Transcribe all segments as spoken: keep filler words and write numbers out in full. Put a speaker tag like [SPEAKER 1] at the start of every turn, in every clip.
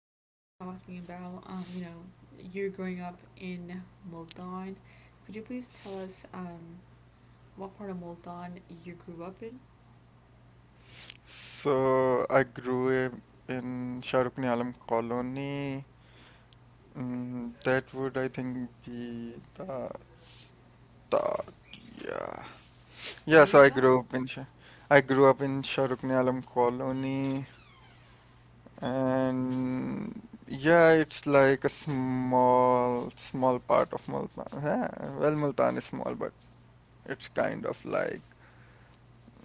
[SPEAKER 1] We're going to be talking about, um, you know, you're growing up in Multan. Could you please tell us um, what part of Multan you grew up in?
[SPEAKER 2] So I grew up in Shah Rukh Alam colony. Mm, that would, I think, be the, the yeah,
[SPEAKER 1] Where
[SPEAKER 2] yeah.
[SPEAKER 1] is
[SPEAKER 2] So I
[SPEAKER 1] that?
[SPEAKER 2] grew up in Shah, I grew up in Shah Rukh Alam colony, and yeah, it's like a small small part of Multan. Yeah, well, Multan is small, but it's kind of like,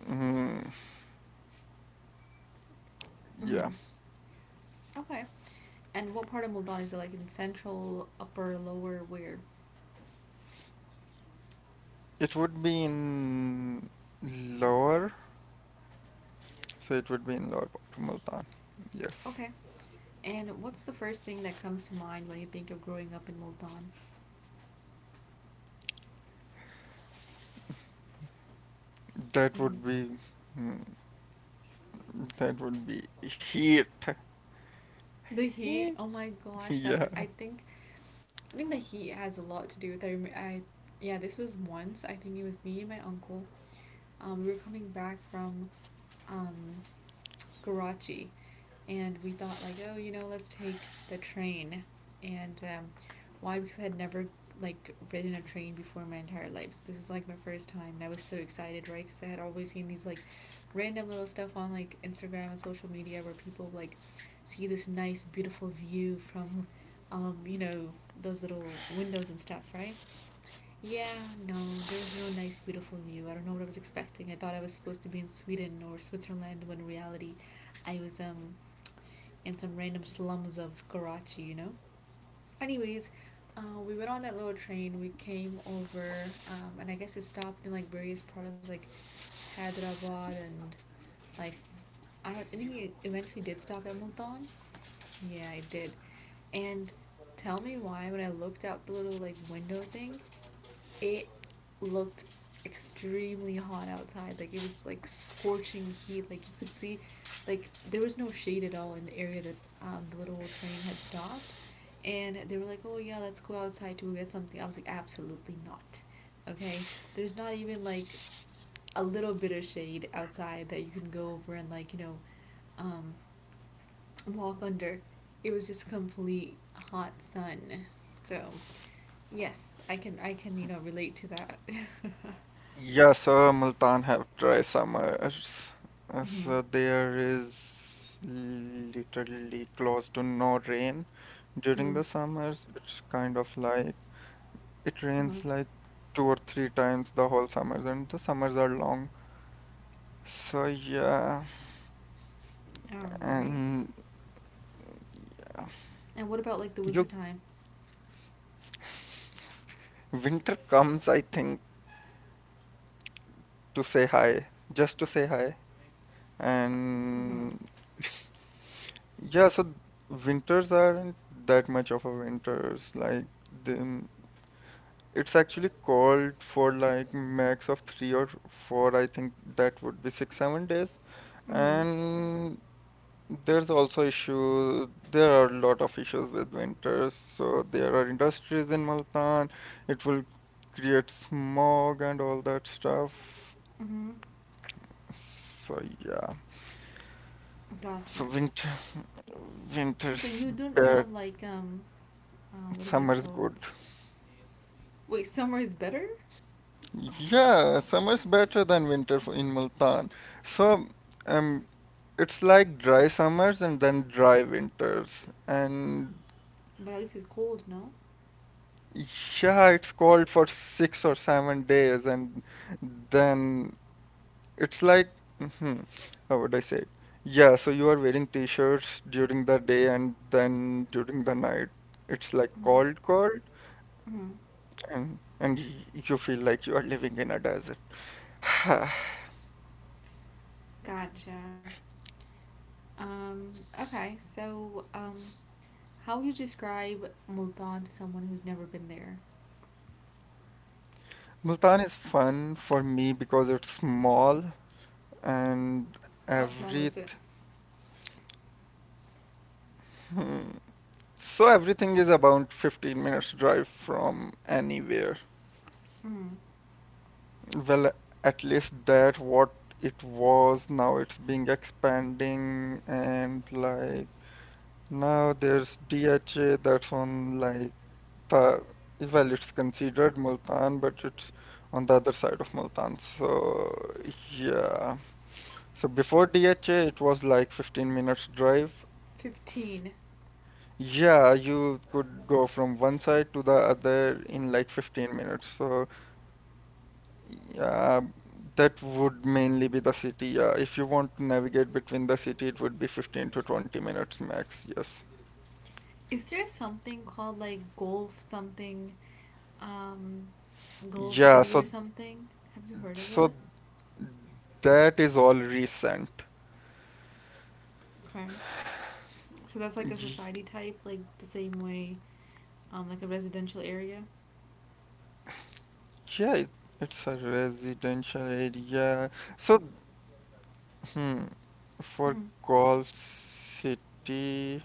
[SPEAKER 2] mm, yeah.
[SPEAKER 1] Mm-hmm. Okay. And what part of Multan is it like in central, upper, lower, where?
[SPEAKER 2] It would be in lower. So it would be in lower part of Multan. Yes.
[SPEAKER 1] Okay. And what's the first thing that comes to mind when you think of growing up in Multan?
[SPEAKER 2] That
[SPEAKER 1] Mm-hmm.
[SPEAKER 2] would be hmm, that would be heat.
[SPEAKER 1] The
[SPEAKER 2] Heat.
[SPEAKER 1] heat. Oh my gosh, that
[SPEAKER 2] Yeah.
[SPEAKER 1] re- I think I think the heat has a lot to do with it. I, I Yeah, this was once. I think it was me and my uncle. Um, we were coming back from um, Karachi, and we thought like, oh, you know, let's take the train. And um, why? Because I had never like ridden a train before in my entire life. So this was like my first time, and I was so excited, right? Because I had always seen these like random little stuff on like Instagram and social media where people like see this nice, beautiful view from, um, you know, those little windows and stuff, right? Yeah, no, there was no nice, beautiful view. I don't know what I was expecting. I thought I was supposed to be in Sweden or Switzerland when in reality I was um in some random slums of Karachi, you know? Anyways, uh, we went on that little train, we came over, um, and I guess it stopped in like various parts like Hyderabad and like, I, don't, I think it eventually did stop at Multan. Yeah, it did. And tell me why when I looked out the little like window thing, it looked extremely hot outside. Like it was like scorching heat. Like you could see, like there was no shade at all in the area that um, the little train had stopped. And they were like, "Oh yeah, let's go outside to get something." I was like, "Absolutely not." Okay, there's not even like a little bit of shade outside that you can go over and like you know um, walk under. It was just complete hot sun. So yes, I can I can you know relate to that.
[SPEAKER 2] Yeah, so Multan have dry summers. Uh,
[SPEAKER 1] Mm-hmm.
[SPEAKER 2] So there is literally close to no rain during the
[SPEAKER 1] Mm.
[SPEAKER 2] summers. It's kind of like it rains
[SPEAKER 1] Mm-hmm.
[SPEAKER 2] like two or three times the whole summers, and the summers are long. So yeah,
[SPEAKER 1] All right.
[SPEAKER 2] and uh,
[SPEAKER 1] And what about like the
[SPEAKER 2] you
[SPEAKER 1] winter time?
[SPEAKER 2] winter comes, I think, to say hi, just to say hi.
[SPEAKER 1] Mm-hmm.
[SPEAKER 2] And yeah, so winters aren't that much of a winters. Like then it's actually called for like max of three or four. I think that would be six, seven days.
[SPEAKER 1] Mm-hmm.
[SPEAKER 2] And there's also issue. There are a lot of issues with winters. So there are industries in Multan. It will create smog and all that stuff.
[SPEAKER 1] Mm-hmm.
[SPEAKER 2] So yeah. So
[SPEAKER 1] Gotcha.
[SPEAKER 2] winter.
[SPEAKER 1] So
[SPEAKER 2] Winter's
[SPEAKER 1] you don't
[SPEAKER 2] bad,
[SPEAKER 1] have like um, uh, what is it
[SPEAKER 2] summer's
[SPEAKER 1] called?
[SPEAKER 2] good.
[SPEAKER 1] Wait, summer is better,
[SPEAKER 2] Yeah, summer's better than winter for in Multan. So, um, it's like dry summers and then dry winters. And
[SPEAKER 1] but at least it's cold. No.
[SPEAKER 2] yeah, it's cold for six or seven days, and then it's like, hmm how would I say it? Yeah, so you are wearing t-shirts during the day, and then during the night, it's like
[SPEAKER 1] Mm-hmm.
[SPEAKER 2] cold, cold,
[SPEAKER 1] Mm-hmm.
[SPEAKER 2] and and y- you feel like you are living in a desert.
[SPEAKER 1] Gotcha. Um. Okay. So um, how would you describe Multan to someone who's never been there?
[SPEAKER 2] Multan is fun for me because it's small, and
[SPEAKER 1] How small is
[SPEAKER 2] every
[SPEAKER 1] it?
[SPEAKER 2] hmm. so everything is about fifteen minutes drive from anywhere.
[SPEAKER 1] Mm.
[SPEAKER 2] Well, at least that what it was. Now it's being expanding and, like, now there's D H A that's on, like, the well, it's considered Multan, but it's on the other side of Multan. So yeah, so before D H A, it was like fifteen minutes drive. F-
[SPEAKER 1] Fifteen.
[SPEAKER 2] Yeah, you could go from one side to the other in like fifteen minutes. So yeah, that would mainly be the city. Yeah, if you want to navigate between the city, it would be fifteen to twenty minutes max. Yes.
[SPEAKER 1] Is there something called like golf something? um, Gulf
[SPEAKER 2] Yeah,
[SPEAKER 1] City or
[SPEAKER 2] so
[SPEAKER 1] something. Have you heard of that?
[SPEAKER 2] so that is all recent.
[SPEAKER 1] Okay. So that's like a society type, like the same way, um, like a residential area.
[SPEAKER 2] Yeah, it- it's a residential area. So, hmm, for
[SPEAKER 1] Mm-hmm.
[SPEAKER 2] Golf City,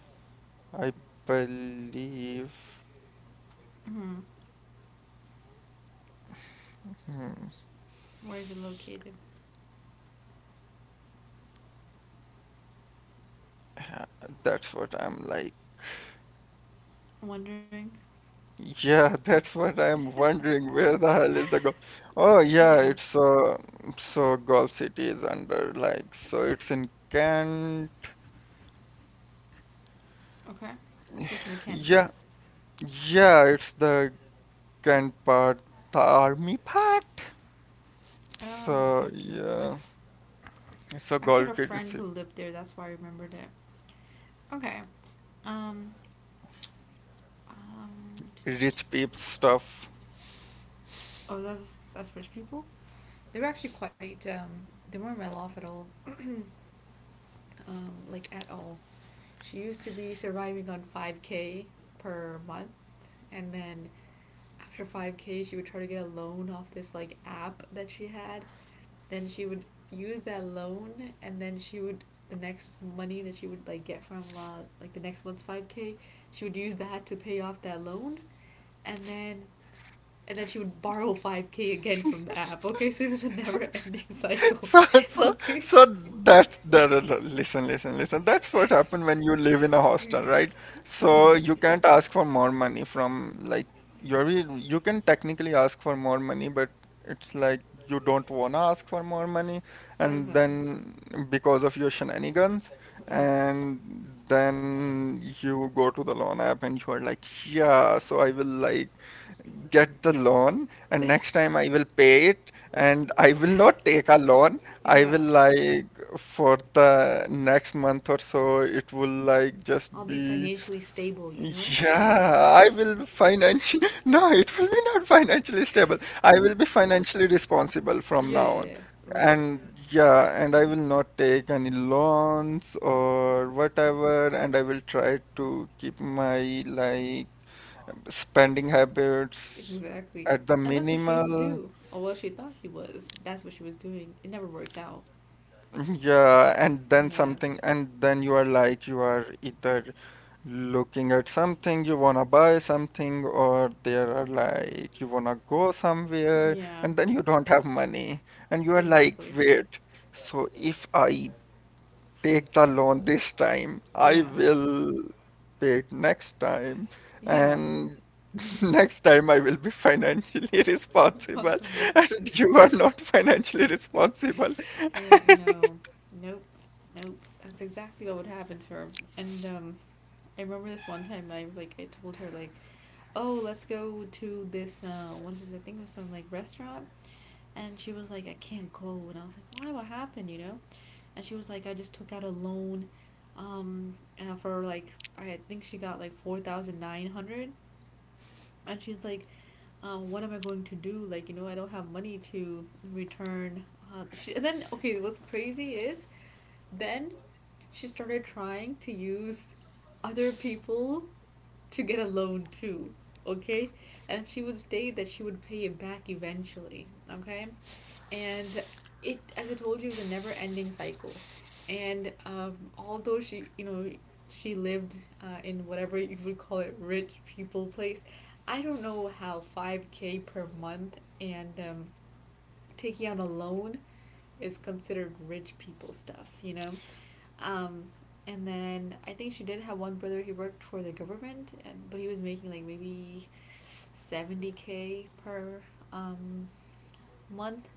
[SPEAKER 2] I believe
[SPEAKER 1] Mm-hmm. Where is it located?
[SPEAKER 2] that's what I'm like.
[SPEAKER 1] I'm wondering.
[SPEAKER 2] Yeah, that's what I'm wondering. Where the hell is the golf? Oh,
[SPEAKER 1] Yeah.
[SPEAKER 2] yeah, it's uh, so Golf City is under, like, so it's in Kent.
[SPEAKER 1] Okay. So it's in the Kent.
[SPEAKER 2] Yeah, yeah, it's the Kent part, the army part.
[SPEAKER 1] Oh, okay,
[SPEAKER 2] So
[SPEAKER 1] okay, okay.
[SPEAKER 2] yeah, so
[SPEAKER 1] I actually had
[SPEAKER 2] Golf
[SPEAKER 1] a
[SPEAKER 2] City
[SPEAKER 1] friend
[SPEAKER 2] is
[SPEAKER 1] who lived there. That's why I remembered it. Okay. Um. Um.
[SPEAKER 2] rich peeps stuff.
[SPEAKER 1] Oh, that was that's rich people. They were actually quite. Um. They weren't well off at all. Um. Like at all. She used to be surviving on five K per month, and then after five K, she would try to get a loan off this like app that she had. Then she would use that loan, and then she would the next money that she would like get from uh, like the next month's five K, she would use that to pay off that loan, and then and then she would borrow five K again from the app. Okay, so it was a never ending cycle.
[SPEAKER 2] So, so,
[SPEAKER 1] Okay.
[SPEAKER 2] so that's the the- the- listen, listen, listen. That's what happened when you live in a hostel, right?
[SPEAKER 1] uh-huh.
[SPEAKER 2] So you can't ask for more money from, like, you're re- you can technically ask for more money, but it's like you don't wanna ask for more money, and then because of your shenanigans happens,
[SPEAKER 1] Yeah,
[SPEAKER 2] and then you go to the loan app and you are like, yeah, so I will, like, get the loan, and next time I will pay it, and I will not take a loan. I
[SPEAKER 1] yeah,
[SPEAKER 2] will, like, for the next month or so, it will, like,
[SPEAKER 1] I'll
[SPEAKER 2] just
[SPEAKER 1] be
[SPEAKER 2] be
[SPEAKER 1] financially stable you know
[SPEAKER 2] yeah, I will be financially no, it will be not financially stable. I will be financially responsible from
[SPEAKER 1] Yeah,
[SPEAKER 2] now
[SPEAKER 1] yeah,
[SPEAKER 2] on.
[SPEAKER 1] yeah. Right.
[SPEAKER 2] And yeah, and I will not take any loans or whatever, and I will try to keep my, like, spending habits
[SPEAKER 1] Exactly.
[SPEAKER 2] at the
[SPEAKER 1] And that's what she used to
[SPEAKER 2] minimal.
[SPEAKER 1] do. Or what she thought she was. That's what she was doing. It never worked out.
[SPEAKER 2] Yeah, and then
[SPEAKER 1] Yeah.
[SPEAKER 2] something, and then you are like, you are either looking at something, you wanna buy something, or there are, like, you wanna go somewhere,
[SPEAKER 1] Yeah.
[SPEAKER 2] and then you don't have money, and you are like,
[SPEAKER 1] Exactly.
[SPEAKER 2] wait, so if I take the loan this time, I
[SPEAKER 1] Yeah.
[SPEAKER 2] will pay it next time,
[SPEAKER 1] Yeah.
[SPEAKER 2] and next time I will be financially responsible,
[SPEAKER 1] Responsible.
[SPEAKER 2] and you are not financially responsible.
[SPEAKER 1] Yeah. No. Nope. Nope. That's exactly what would happen to her. And um, I remember this one time I was like, I told her like, oh, let's go to this. Uh, what was it? I think it was some like restaurant. And she was like, I can't go. And I was like, why? What happened? You know? And she was like, I just took out a loan, um, uh, for like I think she got like four thousand nine hundred, and she's like, uh, what am I going to do? Like, you know, I don't have money to return. Uh, she, and then okay, what's crazy is then she started trying to use other people to get a loan too. Okay, and she would state that she would pay it back eventually. Okay, and it as I told you was a never ending cycle. And um, although she you know she lived uh, in whatever you would call it rich people place. I don't know how five K per month and um, taking out a loan is considered rich people stuff you know um, and then I think she did have one brother. He worked for the government, and but he was making like maybe seventy K per um, month,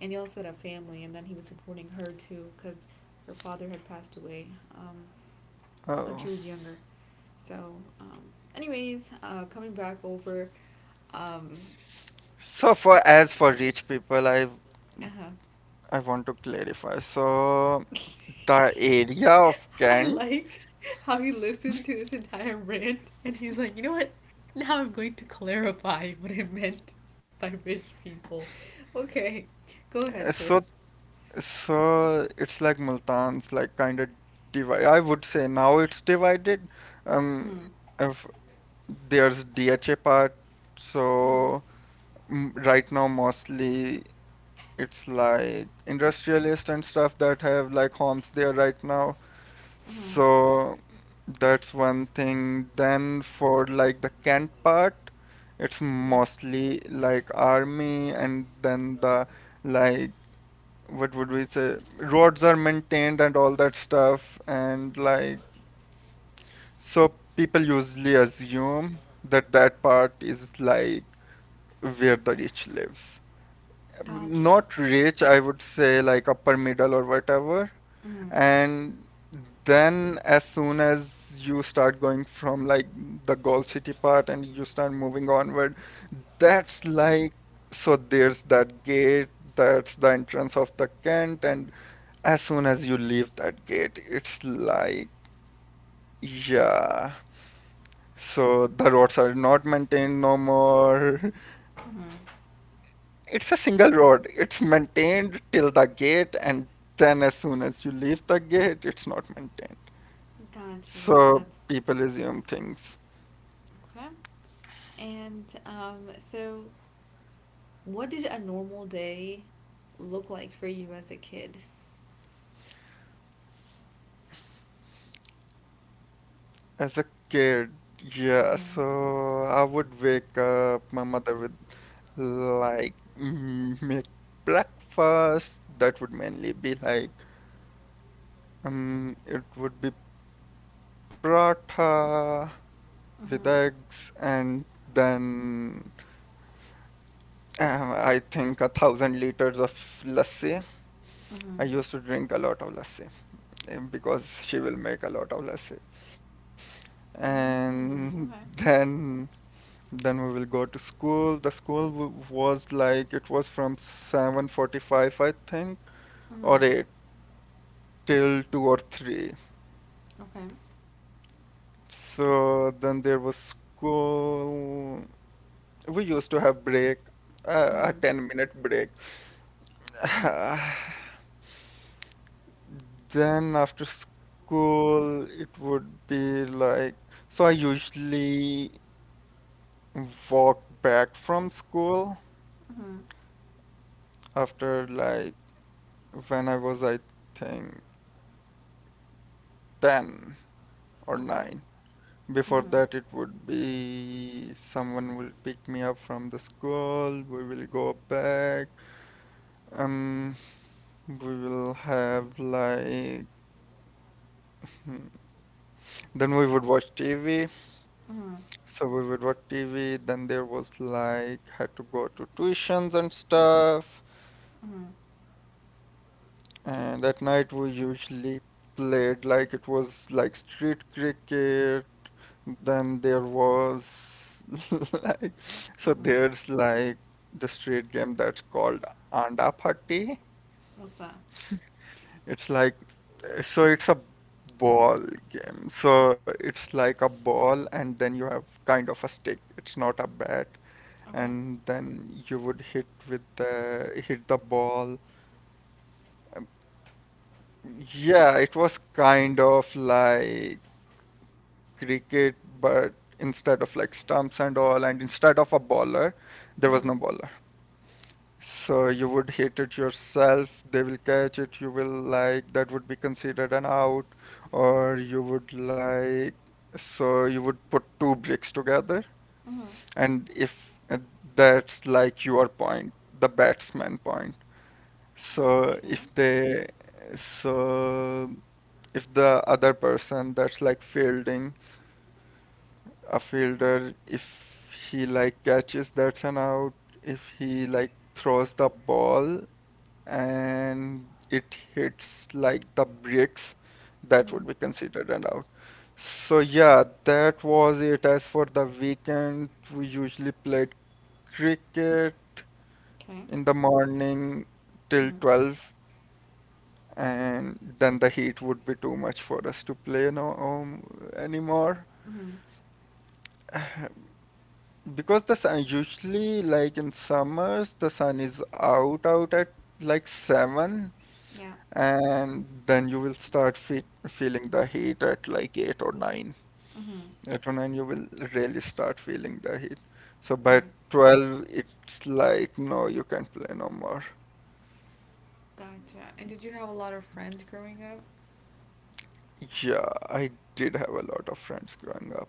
[SPEAKER 1] and he also had a family, and then he was supporting her too because her father had passed away um, when
[SPEAKER 2] Oh.
[SPEAKER 1] she was younger. So, um, anyways, uh, coming back over, um,
[SPEAKER 2] So for, as for rich people, I
[SPEAKER 1] uh,
[SPEAKER 2] I want to clarify. So the area of
[SPEAKER 1] I
[SPEAKER 2] Kent,
[SPEAKER 1] like how he listened to this entire rant, and he's like, you know what? Now I'm going to clarify what I meant by rich people. Okay, go ahead,
[SPEAKER 2] uh,
[SPEAKER 1] sir.
[SPEAKER 2] so so it's like Multan's like kind of divide. I would say now it's divided. Um,
[SPEAKER 1] Mm,
[SPEAKER 2] if there's D H A part,
[SPEAKER 1] mm,
[SPEAKER 2] so m- right now mostly it's like industrialists and stuff that have like homes there right now.
[SPEAKER 1] mm,
[SPEAKER 2] So that's one thing. Then for, like, the Kent part, it's
[SPEAKER 1] yeah,
[SPEAKER 2] mostly like army, and then the like, what would we say? Roads are maintained and all that stuff, and, like, so people usually assume that that part is, like, where the rich lives.
[SPEAKER 1] gotcha.
[SPEAKER 2] Not rich, I would say, like, upper middle or whatever,
[SPEAKER 1] Mm,
[SPEAKER 2] and then as soon as you start going from, like, the Gold City part and you start moving onward, that's, like, so there's that gate, that's the entrance of the Kent, and as soon as you leave that gate, it's like, yeah. So the roads are not maintained no more.
[SPEAKER 1] mm,
[SPEAKER 2] It's a single road. It's maintained till the gate, and then as soon as you leave the gate, it's not maintained.
[SPEAKER 1] gotcha. That makes
[SPEAKER 2] So
[SPEAKER 1] sense.
[SPEAKER 2] people assume things.
[SPEAKER 1] Okay. And um, so, what did a normal day look like for you as a kid?
[SPEAKER 2] As a kid, yeah,
[SPEAKER 1] Mm-hmm.
[SPEAKER 2] so I would wake up, my mother would, like, mm, make breakfast. That would mainly be like, um it would be paratha with
[SPEAKER 1] Mm-hmm.
[SPEAKER 2] eggs, and then um, I think a thousand liters of lassi. I
[SPEAKER 1] Mm-hmm.
[SPEAKER 2] used to drink a lot of lassi, eh, because she will make a lot of lassi. And
[SPEAKER 1] Mm, okay.
[SPEAKER 2] then Then we will go to school. The school w- was, like, it was from seven forty-five, I think, or
[SPEAKER 1] Mm-hmm.
[SPEAKER 2] eight till two or three.
[SPEAKER 1] Okay.
[SPEAKER 2] So then there was school. We used to have break, uh, a
[SPEAKER 1] Mm-hmm.
[SPEAKER 2] ten minute break.
[SPEAKER 1] Okay.
[SPEAKER 2] Then after school, it would be, like, so I usually walk back from school
[SPEAKER 1] Mm-hmm.
[SPEAKER 2] after, like, when I was, I think, ten, or
[SPEAKER 1] Okay.
[SPEAKER 2] nine. Before
[SPEAKER 1] Mm-hmm.
[SPEAKER 2] that, it would be someone will pick me up from the school. We will go back. Um, we will have like Then we would watch T V.
[SPEAKER 1] Mm-hmm.
[SPEAKER 2] So we would watch T V. Then there was, like, had to go to tuitions and stuff.
[SPEAKER 1] Mm-hmm.
[SPEAKER 2] And at night we usually played, like, it was like street cricket. Then there was, like, so
[SPEAKER 1] Mm-hmm.
[SPEAKER 2] there's, like, the street game that's called Anda Patti.
[SPEAKER 1] What's that?
[SPEAKER 2] It's like, so it's a ball game. So it's like a ball, and then you have kind of a stick. It's not a bat.
[SPEAKER 1] Okay.
[SPEAKER 2] And then you would hit with the hit the ball. Yeah, it was kind of like cricket, but instead of, like, stumps and all, and instead of a bowler, there was no
[SPEAKER 1] Mm-hmm.
[SPEAKER 2] bowler. So you would hit it yourself, they will catch it, you will, like, that would be considered an out, or you would, like, so you would put two bricks together,
[SPEAKER 1] Mm-hmm.
[SPEAKER 2] and if, uh, that's like your point, the batsman point. So
[SPEAKER 1] Okay.
[SPEAKER 2] if they so if the other person that's, like, fielding a
[SPEAKER 1] Okay.
[SPEAKER 2] fielder, if he, like, catches, that's an out. If he, like, throws the ball and it hits, like, the bricks, that
[SPEAKER 1] Mm-hmm.
[SPEAKER 2] would be considered an out. So yeah, that was it. As for the weekend, we usually played cricket
[SPEAKER 1] Okay.
[SPEAKER 2] in the morning till
[SPEAKER 1] Mm-hmm.
[SPEAKER 2] twelve, and then the heat would be too much for us to play no um, anymore.
[SPEAKER 1] Mm-hmm.
[SPEAKER 2] Because the sun usually, like, in summers the sun is out out at, like, seven,
[SPEAKER 1] Yeah.
[SPEAKER 2] and then you will start fe feeling the heat at, like, eight or 9.
[SPEAKER 1] Mm-hmm.
[SPEAKER 2] 8 or 9 You will really start feeling the heat, so by
[SPEAKER 1] Right.
[SPEAKER 2] twelve it's, like, no, you can't play no more.
[SPEAKER 1] Gotcha. And did you have a lot of friends growing up?
[SPEAKER 2] Yeah, I did have a lot of friends growing up,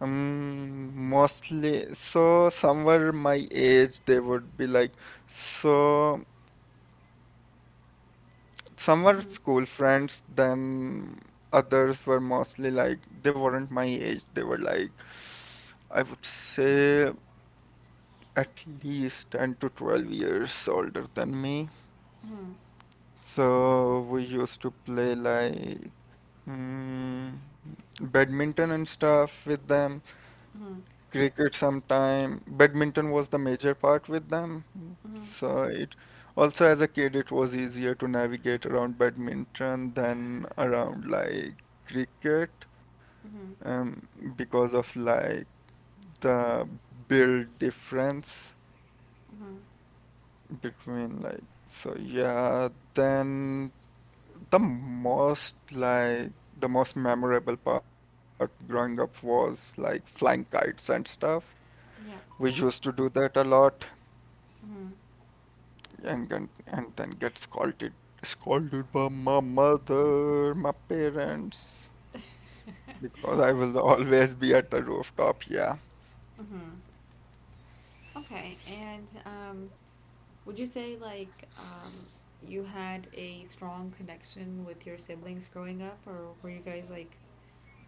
[SPEAKER 2] um mostly, so some were my age, they would be like, so some were
[SPEAKER 1] Mm-hmm.
[SPEAKER 2] school friends, then others were mostly, like, they weren't my age, they were like, I would say, at least ten to twelve years older than me.
[SPEAKER 1] Mm-hmm.
[SPEAKER 2] So we used to play, like, mm, badminton and stuff with them,
[SPEAKER 1] Mm-hmm.
[SPEAKER 2] cricket sometime. Badminton was the major part with them.
[SPEAKER 1] Mm-hmm.
[SPEAKER 2] So it, also as a kid it was easier to navigate around badminton than around, like, cricket,
[SPEAKER 1] Mm-hmm.
[SPEAKER 2] um, because of, like, the build difference
[SPEAKER 1] Mm-hmm.
[SPEAKER 2] between, like, so yeah, then the most like the most memorable part growing up was, like, flying kites and stuff,
[SPEAKER 1] Yeah.
[SPEAKER 2] we used to do that a lot,
[SPEAKER 1] Mm-hmm.
[SPEAKER 2] and gon- and then get scolded scolded by my mother, my parents, because I will always be at the rooftop, yeah.
[SPEAKER 1] Mm-hmm. Okay. And um, would you say like um, you had a strong connection with your siblings growing up, or were you guys like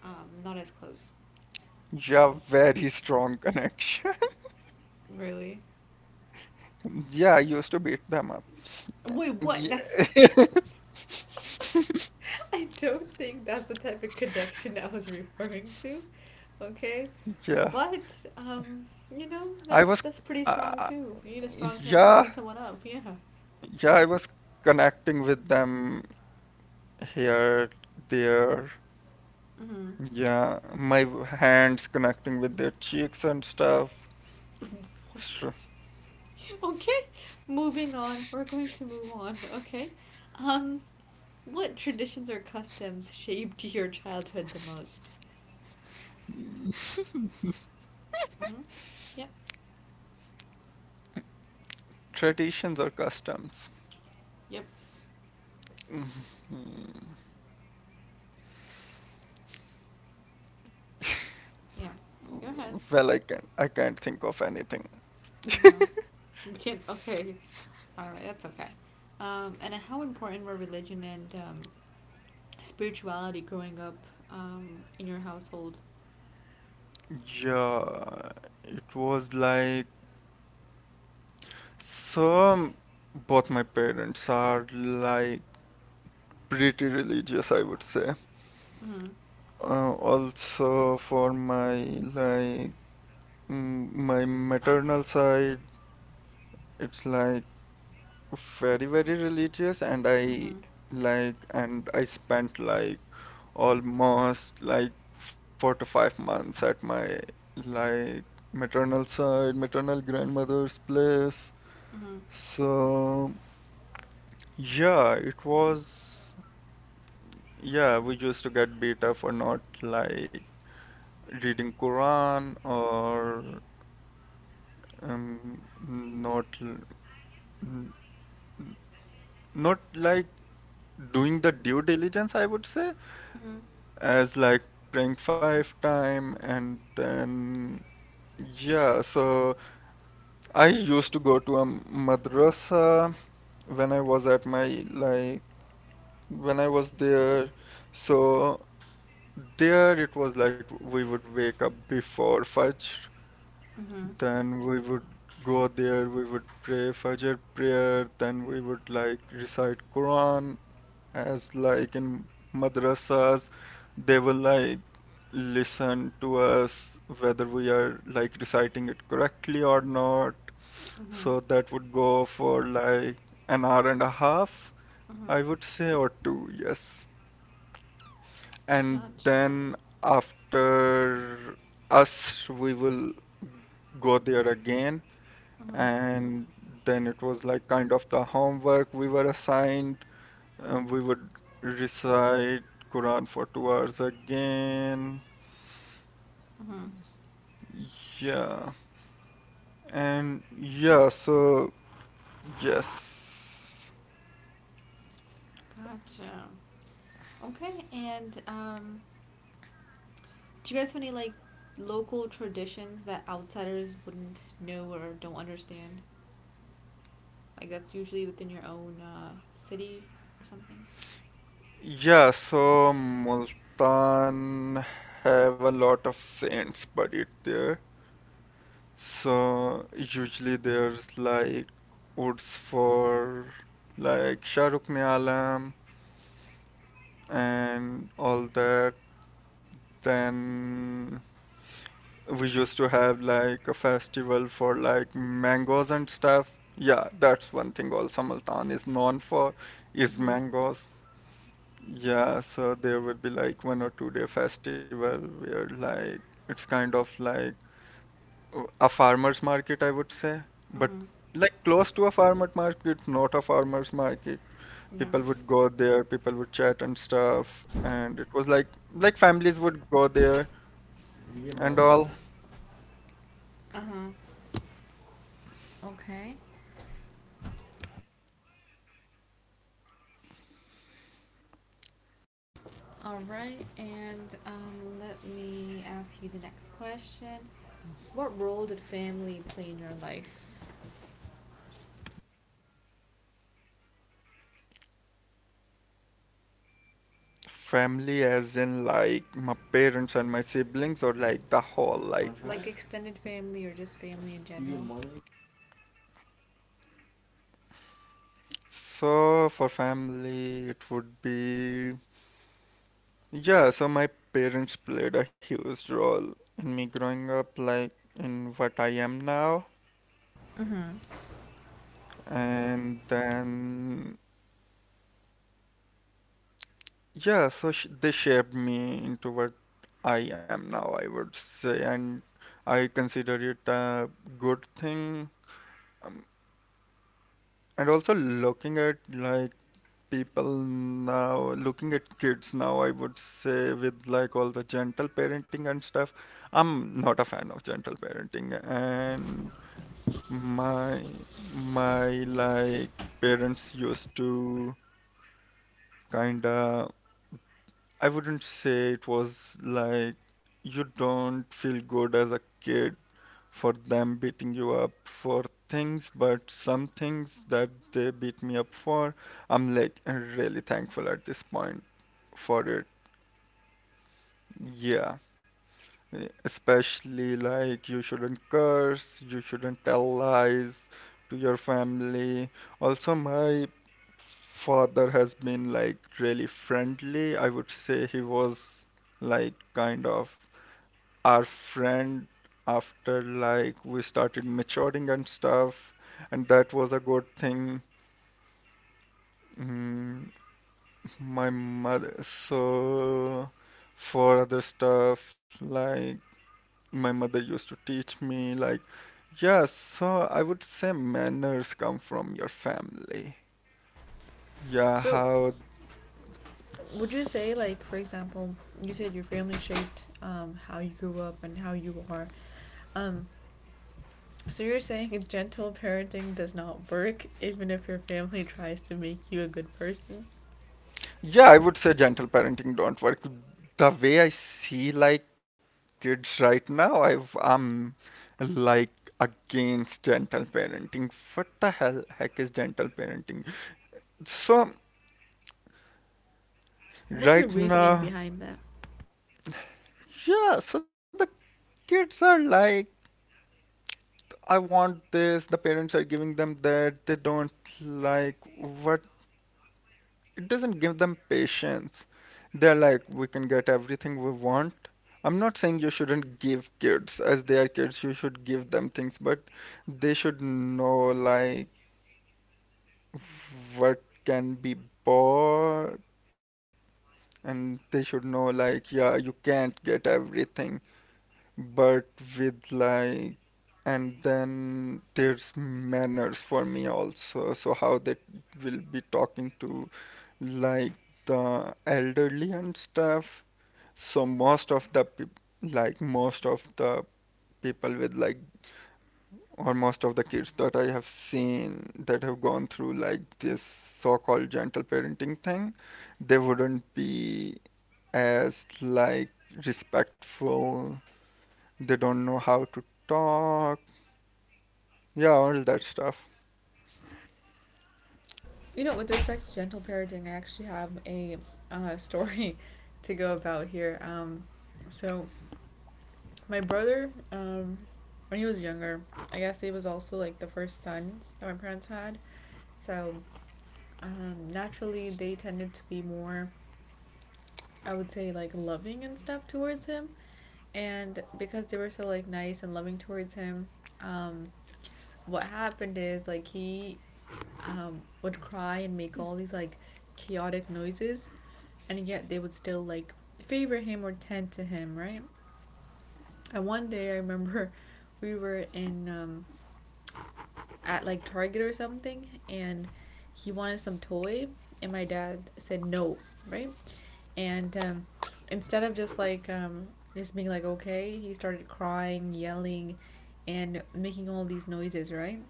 [SPEAKER 1] um, not as close?
[SPEAKER 2] Yeah, very strong connection.
[SPEAKER 1] Really?
[SPEAKER 2] Yeah, I used to beat them up,
[SPEAKER 1] Wait, what?
[SPEAKER 2] yeah.
[SPEAKER 1] That's I don't think that's the type of connection I was referring to. Okay.
[SPEAKER 2] yeah
[SPEAKER 1] But um, you know
[SPEAKER 2] I
[SPEAKER 1] that's
[SPEAKER 2] was
[SPEAKER 1] that's pretty
[SPEAKER 2] I
[SPEAKER 1] strong too. You need a strong connection to
[SPEAKER 2] Yeah,
[SPEAKER 1] beat someone up. Yeah.
[SPEAKER 2] yeah, I was connecting with them, here, there.
[SPEAKER 1] Mm-hmm.
[SPEAKER 2] Yeah, my w- hands connecting with their cheeks and stuff.
[SPEAKER 1] What
[SPEAKER 2] Str
[SPEAKER 1] Okay, moving on. We're going to move on. Okay. Um, what traditions or customs shaped your childhood the most? Mm-hmm. Yep,
[SPEAKER 2] Traditions or customs?
[SPEAKER 1] yep, yeah. Go ahead.
[SPEAKER 2] Well, I can I can't think of anything.
[SPEAKER 1] Mm-hmm. You can't. Okay. All right, that's okay. Um, and how important were religion and um, spirituality growing up um, in your household?
[SPEAKER 2] Yeah, it was like, some both my parents are, like, pretty religious, I would say.
[SPEAKER 1] Mm-hmm.
[SPEAKER 2] Uh, also for my, like, mm, my maternal side. It's like very, very religious, and I
[SPEAKER 1] Mm-hmm.
[SPEAKER 2] like, and I spent, like, almost, like, four to five months at my, like, maternal side, maternal grandmother's place.
[SPEAKER 1] Mm-hmm.
[SPEAKER 2] So, yeah, it was, yeah, we used to get beat up for not like reading Quran or um, not, l- n- not like doing the due diligence, I would say,
[SPEAKER 1] Mm-hmm.
[SPEAKER 2] as like playing five time. And then yeah, so I used to go to a madrasa when I was at my like when I was there. So there it was like we would wake up before fajr,
[SPEAKER 1] Mm-hmm.
[SPEAKER 2] then we would go there, we would pray fajr prayer, then we would like recite Quran, as like in madrasas they will like listen to us whether we are like reciting it correctly or not.
[SPEAKER 1] Mm-hmm.
[SPEAKER 2] So that would go for like an hour and a half,
[SPEAKER 1] Mm-hmm.
[SPEAKER 2] I would say, or two. Yes. And
[SPEAKER 1] Gotcha.
[SPEAKER 2] then, after us, we will go there again,
[SPEAKER 1] Mm-hmm.
[SPEAKER 2] and then it was like kind of the homework we were assigned. Um, we would recite Quran for two hours again.
[SPEAKER 1] Mm-hmm.
[SPEAKER 2] Yeah. And yeah, so yes.
[SPEAKER 1] Gotcha. Okay, and um, do you guys have any like local traditions that outsiders wouldn't know or don't understand? Like that's usually within your own uh, city or something.
[SPEAKER 2] Yeah, so Multan have a lot of saints buried there. So usually there's like woods for like Shah Rukh Alam and all that. Then we used to have like a festival for like mangoes and stuff. Yeah, that's one thing also Multan is known for is
[SPEAKER 1] Mhm.
[SPEAKER 2] mangoes. Yeah, so there would be like one or two day festival where like it's kind of like uh, a farmer's market, I would say, but
[SPEAKER 1] Mhm.
[SPEAKER 2] like close to a farmer market, not a farmer's market.
[SPEAKER 1] Yeah.
[SPEAKER 2] People would go there, people would chat and stuff, and it was like like families would go there
[SPEAKER 1] Did your mom
[SPEAKER 2] and all.
[SPEAKER 1] anything? Uh huh. Okay. All right, and um, let me ask you the next question. What role did family play in your life?
[SPEAKER 2] Family, as in like my parents and my siblings, or like the whole, like.
[SPEAKER 1] Wanna try Like it? Extended family or just family in Did your general? Mom
[SPEAKER 2] So for family, it would be yeah. So my parents played a huge role in me growing up, like in what I am now,
[SPEAKER 1] anything?
[SPEAKER 2] and then yeah. So sh they shaped me into what I am now, I would say, and I consider it a good thing. Um, and also looking at like people now, looking at kids now, I would say, with like all the gentle parenting and stuff. I'm not a fan of gentle parenting, and my my
[SPEAKER 1] Hmm Sweet.
[SPEAKER 2] like parents used to kinda, I wouldn't say it was like you don't feel good as a kid for them beating you up for things, but some things that they beat me up for, I'm like really thankful at this point for it. Yeah, e- especially like you shouldn't curse, you shouldn't tell lies to your family. Also, my father has been like really friendly. I would say he was like kind of our friend after like we started maturing and stuff, and that was a good thing. Mm, my mother, so for other stuff like my mother used to teach me like yeah, so I would say manners come from your family. Yeah,
[SPEAKER 1] So
[SPEAKER 2] how.
[SPEAKER 1] would you say, like, for example, you said your family shaped um, how you grew up and how you are. Um, so you're saying gentle parenting does not work, even if your family tries to make you a good person?
[SPEAKER 2] Yeah, I would say gentle parenting don't work the way I see like kids right now. I've i'm like against gentle parenting. What the hell heck is gentle parenting? So
[SPEAKER 1] What's your
[SPEAKER 2] right
[SPEAKER 1] reasoning
[SPEAKER 2] now,
[SPEAKER 1] behind that?
[SPEAKER 2] yeah, so the kids are like I want this. The parents are giving them that. They don't like what it doesn't give them patience. They're like, we can get everything we want. I'm not saying you shouldn't give kids, as they are kids, you should give them things, but they should know like what can be bought, and they should know like yeah, you can't get everything. But with like, and then there's manners for me also, so how they will be talking to like the elderly and stuff. So most of the peop like most of the people with like, or most of the kids that I have seen that have gone through like this so-called gentle parenting thing, they wouldn't be as like respectful. They don't know how to talk. Yeah, all that stuff.
[SPEAKER 1] You know, with respect to gentle parenting, I actually have a uh, story to go about here. Um, so my brother, um, when he was younger, I guess he was also like the first son that my parents had. So um, naturally they tended to be more I would say like loving and stuff towards him. And because they were so like nice and loving towards him, um, what happened is like he um, would cry and make all these like chaotic noises, and yet they would still like favor him or tend to him, right? And one day I remember we were in um, at like Target or something, and he wanted some toy, and my dad said no, right? And um, instead of just like um, just being like okay, he started crying, yelling, and making all these noises, right?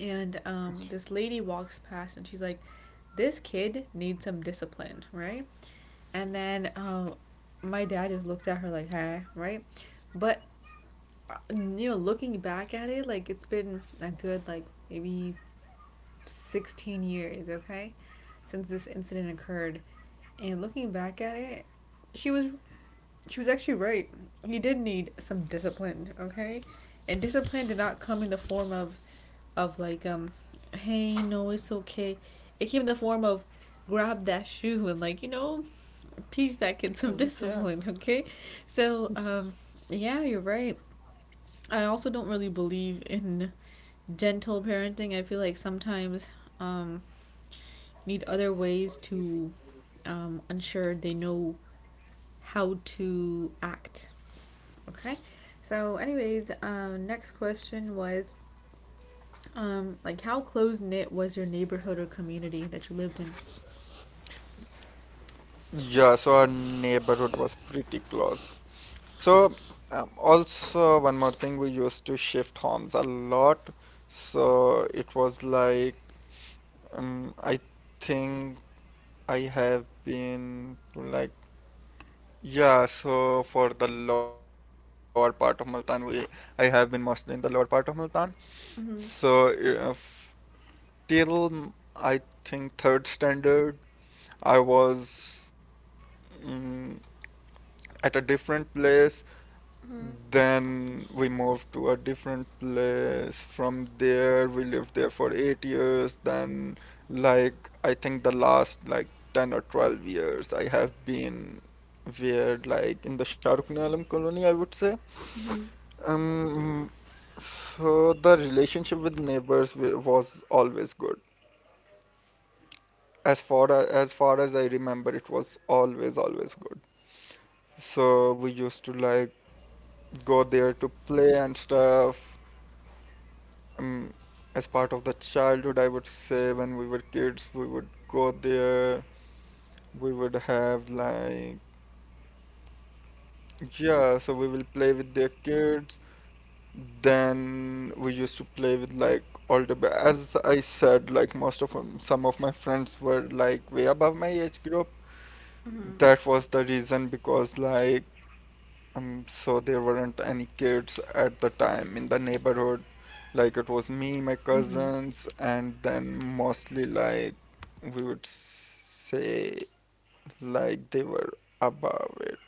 [SPEAKER 1] And um, this lady walks past and she's like, "This kid needs some discipline, right?" And then um, my dad just looked at her like, "Huh," right? But uh, you know, looking back at it, like it's been a good like maybe sixteen years, okay, since this incident occurred. And looking back at it, she was she was actually right. He did need some discipline, okay? And discipline did not come in the form of of like um hey, no, it's okay. It came in the form of grab that shoe and like, you know, teach that kid some
[SPEAKER 2] Yeah.
[SPEAKER 1] discipline, okay? So, um yeah, you're right. I also don't really believe in gentle parenting. I feel like sometimes um need other ways to um ensure they know how to act. Okay. So, anyways, um, next question was, um, like, how close knit was your neighborhood or community that you lived in?
[SPEAKER 2] Yeah, so our neighborhood was pretty close. So, um, also one more thing, we used to shift homes a lot. So it was like, um, I think I have been to like, yeah, so for the lower part of Multan, we I have been mostly in the lower part of Multan. So
[SPEAKER 1] Mm-hmm.
[SPEAKER 2] uh, f- till mm, I think third standard. I was mm, at a different place.
[SPEAKER 1] Mm-hmm.
[SPEAKER 2] Then we moved to a different place. From there, we lived there for eight years. Then, like, I think the last like ten or twelve years, I have been where, like, in the Shah Rukh Alam colony, I would say.
[SPEAKER 1] Mm-hmm.
[SPEAKER 2] Um, so the relationship with neighbors wa- was always good. As far as, as far as I remember, it was always, always good. So we used to like go there to play and stuff. Um, as part of the childhood, I would say, when we were kids, we would go there. We would have like yeah, so we will play with their kids. Then we used to play with like older. But as I said, like most of them, some of my friends were like way above my age group.
[SPEAKER 1] Mm-hmm.
[SPEAKER 2] That was the reason because like Um, so there weren't any kids at the time in the neighborhood. Like it was me, my
[SPEAKER 1] Mm-hmm.
[SPEAKER 2] cousins, and then mostly like we would say like they were above it.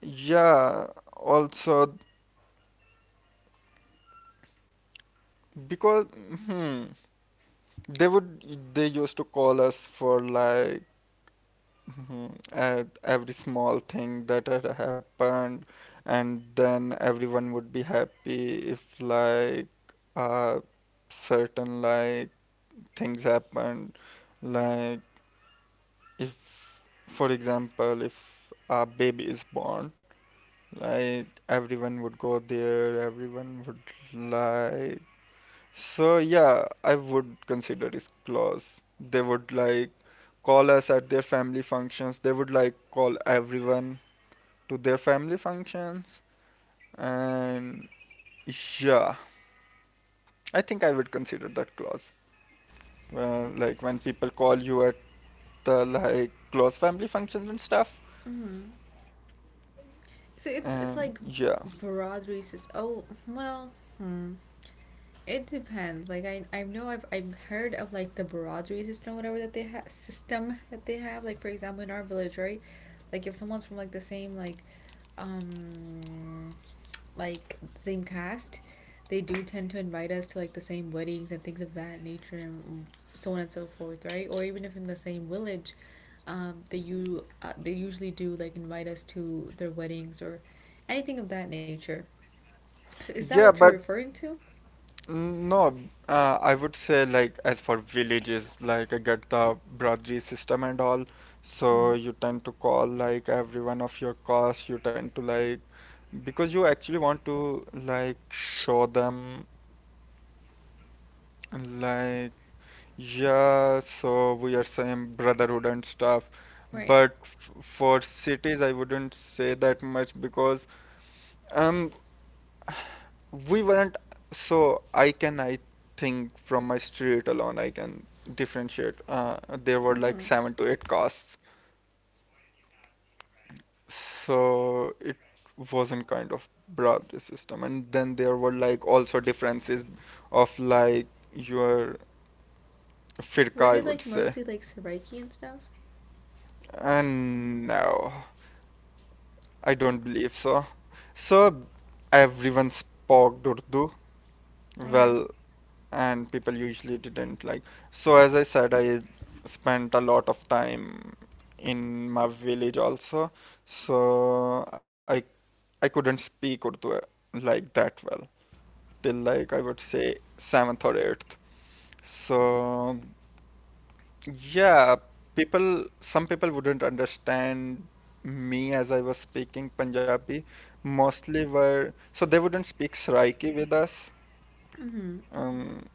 [SPEAKER 2] Yeah, also because hmm, they would they used to call us for like Mhm. At every small thing that had happened, and then everyone would be happy if like uh, certain like things happened, like if, for example, if a baby is born, like everyone would go there, everyone would like so yeah, I would consider it clause. They would like call us at their family functions. They would like call everyone to their family functions. And yeah, I think I would consider that clause. Well, like when people call you at the like close family functions and stuff.
[SPEAKER 1] Mm-hmm.
[SPEAKER 2] And
[SPEAKER 1] So it's
[SPEAKER 2] yeah.
[SPEAKER 1] it's like broad races. Oh well, hmm. it depends. Like I I know I've I've heard of, like, the broadery system, or whatever that they have system that they have. Like, for example, in our village, right? Like, if someone's from, like, the same like um like same cast, they do tend to invite us to, like, the same weddings and things of that nature and so on and so forth, right? Or even if in the same village, um, they you uh, they usually do, like, invite us to their weddings or anything of that nature. So is that what
[SPEAKER 2] Yeah,
[SPEAKER 1] you're
[SPEAKER 2] but
[SPEAKER 1] referring to?
[SPEAKER 2] Mm, no, uh, I would say like as for villages, like I get the brotherly system and all,
[SPEAKER 1] Mm-hmm.
[SPEAKER 2] so you tend to call like everyone of your caste. You tend to like because you actually want to like show them like yeah, so we are same brotherhood and stuff.
[SPEAKER 1] Right.
[SPEAKER 2] But f for cities, I wouldn't say that much because um we weren't, so I can, I think, from my street alone, I can differentiate. Uh, there were like
[SPEAKER 1] Mm-hmm.
[SPEAKER 2] seven to eight castes, so it wasn't kind of broad system. And then there were like also differences of like your firqa,
[SPEAKER 1] Were
[SPEAKER 2] I
[SPEAKER 1] they
[SPEAKER 2] would
[SPEAKER 1] like
[SPEAKER 2] say.
[SPEAKER 1] mostly like Saraiki and stuff?
[SPEAKER 2] And no, I don't believe so. So everyone spoke Urdu.
[SPEAKER 1] Okay.
[SPEAKER 2] Well, and people usually didn't like. So as I said, I spent a lot of time in my village also, so I I couldn't speak Urdu uh, like that well till like I would say seventh or eighth. So yeah, people some people wouldn't understand me as I was speaking Punjabi. Mostly were so they wouldn't speak Saraiki with us.
[SPEAKER 1] Mm-hmm.
[SPEAKER 2] Um,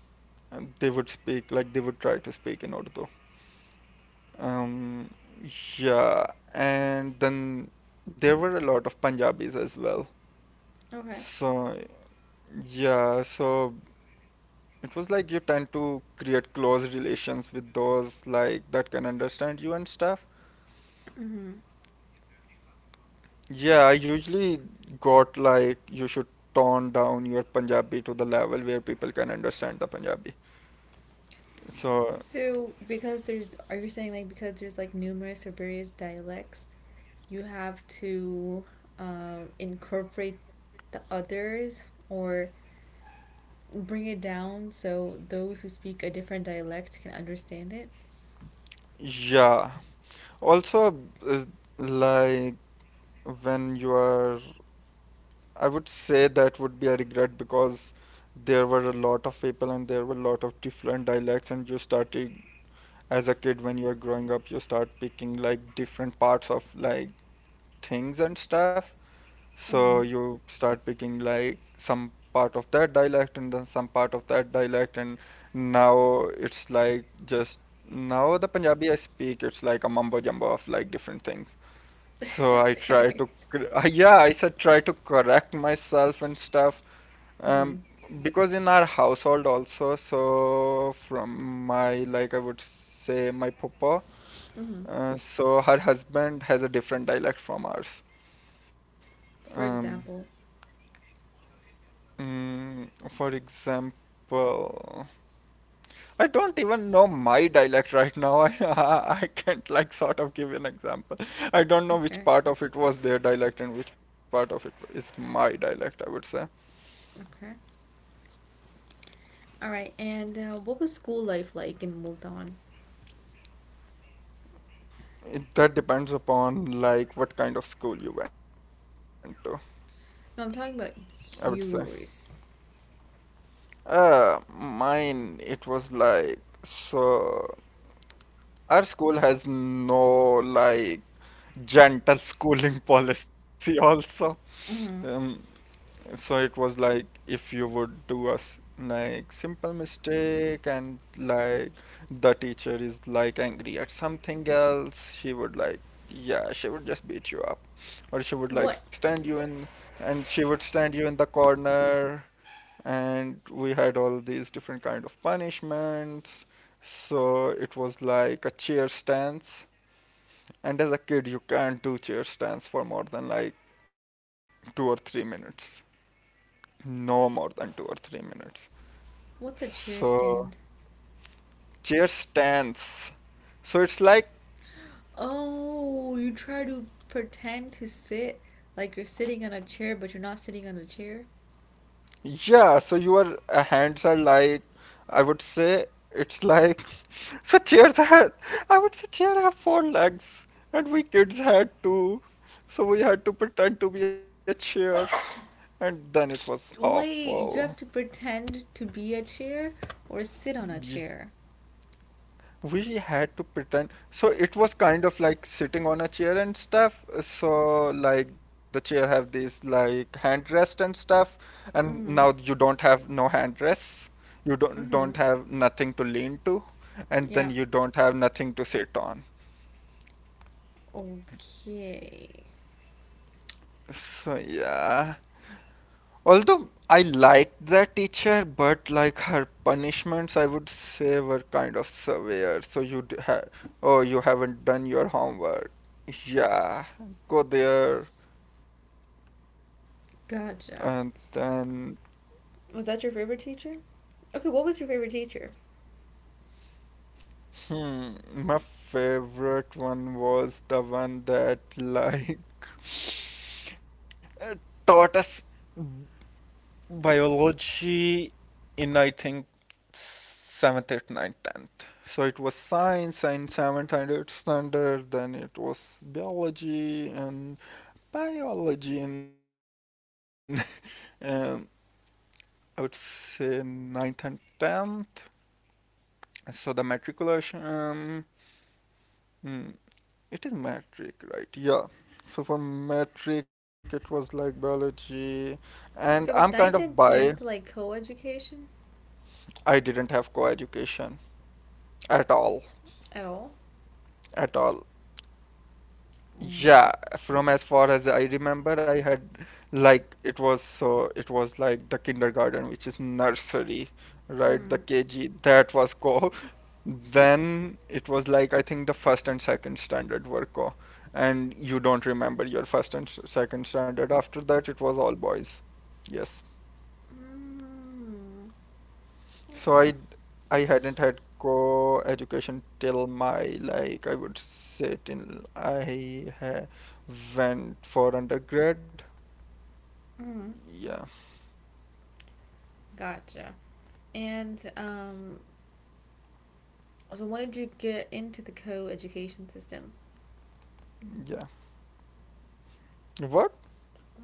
[SPEAKER 2] And they would speak like they would try to speak in Urdu. Um, yeah, and then there were a lot of Punjabis as well.
[SPEAKER 1] Okay.
[SPEAKER 2] So yeah, so it was like you tend to create close relations with those like that can understand you and stuff.
[SPEAKER 1] Mm-hmm.
[SPEAKER 2] Yeah, I usually got like you should tone down your Punjabi to the level where people can understand the Punjabi. So
[SPEAKER 1] So, because there's are you saying, like, because there's, like, numerous or various dialects, you have to, um, incorporate the others or bring it down so those who speak a different dialect can understand it.
[SPEAKER 2] yeah. Also, uh, like when you are I would say that would be a regret because there were a lot of people and there were a lot of different dialects, and you started as a kid, when you are growing up you start picking like different parts of like things and stuff. So
[SPEAKER 1] Mm-hmm.
[SPEAKER 2] you start picking like some part of that dialect and then some part of that dialect, and now it's like just now the Punjabi I speak it's like a mumbo jumbo of like different things. So I try
[SPEAKER 1] Okay.
[SPEAKER 2] to, cor- yeah, I said try to correct myself and stuff,
[SPEAKER 1] Mm-hmm.
[SPEAKER 2] um, because in our household also, so from my, like I would say, my papa,
[SPEAKER 1] Mm-hmm.
[SPEAKER 2] uh, so her husband has a different dialect from ours.
[SPEAKER 1] For
[SPEAKER 2] Um,
[SPEAKER 1] example.
[SPEAKER 2] mm, for example, I don't even know my dialect right now. I, I can't like sort of give an example. I don't know
[SPEAKER 1] Okay.
[SPEAKER 2] which part of it was their dialect and which part of it is my dialect, I would say.
[SPEAKER 1] Okay. All right. And, uh, what was school life like in Multan?
[SPEAKER 2] It, that depends upon like what kind of school you went to,
[SPEAKER 1] No, I'm
[SPEAKER 2] I
[SPEAKER 1] talking
[SPEAKER 2] would
[SPEAKER 1] about
[SPEAKER 2] say.
[SPEAKER 1] yours.
[SPEAKER 2] Uh, mine, it was like, so our school has no like gentle schooling policy also.
[SPEAKER 1] Mm-hmm.
[SPEAKER 2] Um, so it was like if you would do a s- like simple mistake and like the teacher is like angry at something else, she would like yeah, she would just beat you up or she would like
[SPEAKER 1] What?
[SPEAKER 2] stand you in and she would stand you in the corner, and we had all these different kind of punishments. So it was like a chair stance, and as a kid you can't do chair stance for more than like two or three minutes, no more than two or three minutes.
[SPEAKER 1] What's a cheer
[SPEAKER 2] So
[SPEAKER 1] stand?
[SPEAKER 2] chair stance, so it's like,
[SPEAKER 1] Oh, you try to pretend to sit, like you're sitting on a chair, but you're not sitting on a chair.
[SPEAKER 2] yeah, so your uh, hands are like, I would say it's like, so chairs had, I would say chair have four legs, and we kids had two, so we had to pretend to be a chair, and then it was
[SPEAKER 1] Wait, you have
[SPEAKER 2] awful.
[SPEAKER 1] to pretend to be a chair or sit on a chair.
[SPEAKER 2] We had to pretend. So it was kind of like sitting on a chair and stuff. So like the chair have these like handrest and stuff, and now
[SPEAKER 1] Mm-hmm.
[SPEAKER 2] you don't have no handrests. You don't
[SPEAKER 1] Mm-hmm.
[SPEAKER 2] don't have nothing to lean to, and
[SPEAKER 1] Yeah.
[SPEAKER 2] then you don't have nothing to sit on.
[SPEAKER 1] Okay.
[SPEAKER 2] So yeah. Although I liked that teacher, but like her punishments, I would say were kind of severe. So you have, oh, you haven't done your homework. Yeah, go there. And
[SPEAKER 1] Gotcha.
[SPEAKER 2] then,
[SPEAKER 1] Was that your favorite teacher? Okay, what was your favorite teacher?
[SPEAKER 2] hmm, my favorite one was the one that like uh, taught us biology in, I think, seventh, eighth, ninth, tenth. So it was science in seventh and eighth standard. Then it was biology and biology and um, I would say ninth and tenth. So the matriculation, um, hmm, it is matric, right? Yeah. So for matric, it was like biology, and I'm
[SPEAKER 1] So
[SPEAKER 2] kind
[SPEAKER 1] was
[SPEAKER 2] of
[SPEAKER 1] ninth and
[SPEAKER 2] bi.
[SPEAKER 1] tenth like co-education
[SPEAKER 2] I didn't have co-education at all,
[SPEAKER 1] at all?
[SPEAKER 2] at all.
[SPEAKER 1] Mm.
[SPEAKER 2] Yeah, from as far as I remember, I had like it was so it was like the kindergarten, which is nursery, right? The
[SPEAKER 1] Mm.
[SPEAKER 2] K G, that was co. Then it was like, I think, the first and second standard were co, and you don't remember your first and s- second standard. After that, it was all boys. Yes.
[SPEAKER 1] Mm.
[SPEAKER 2] So
[SPEAKER 1] Okay.
[SPEAKER 2] I I hadn't had co education till my, like I would say till I ha went for undergrad.
[SPEAKER 1] Mm.
[SPEAKER 2] Yeah,
[SPEAKER 1] Gotcha. And, um, So when did you get into the co-education system?
[SPEAKER 2] yeah. What?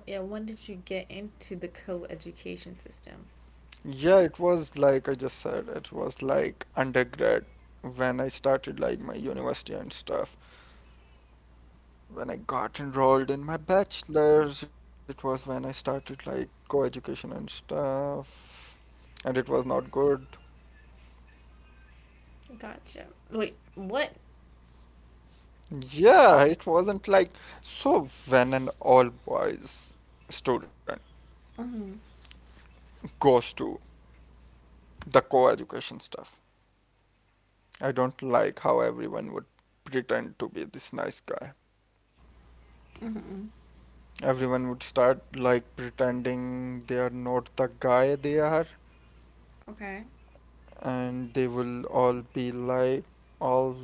[SPEAKER 1] Yeah, when did you get into the co-education system?
[SPEAKER 2] Yeah, it was like I just said, it was like undergrad when I started like my university and stuff. When I got enrolled in my bachelor's, it was when I started like co-education and stuff. And it was not good.
[SPEAKER 1] Gotcha. Wait, what?
[SPEAKER 2] Yeah, it wasn't like, so when an all boys student
[SPEAKER 1] Mm-hmm.
[SPEAKER 2] goes to the co-education stuff. I don't like how everyone would pretend to be this nice guy.
[SPEAKER 1] Mm-hmm.
[SPEAKER 2] Everyone would start like pretending they are not the guy they are,
[SPEAKER 1] Okay.
[SPEAKER 2] and they will all be like all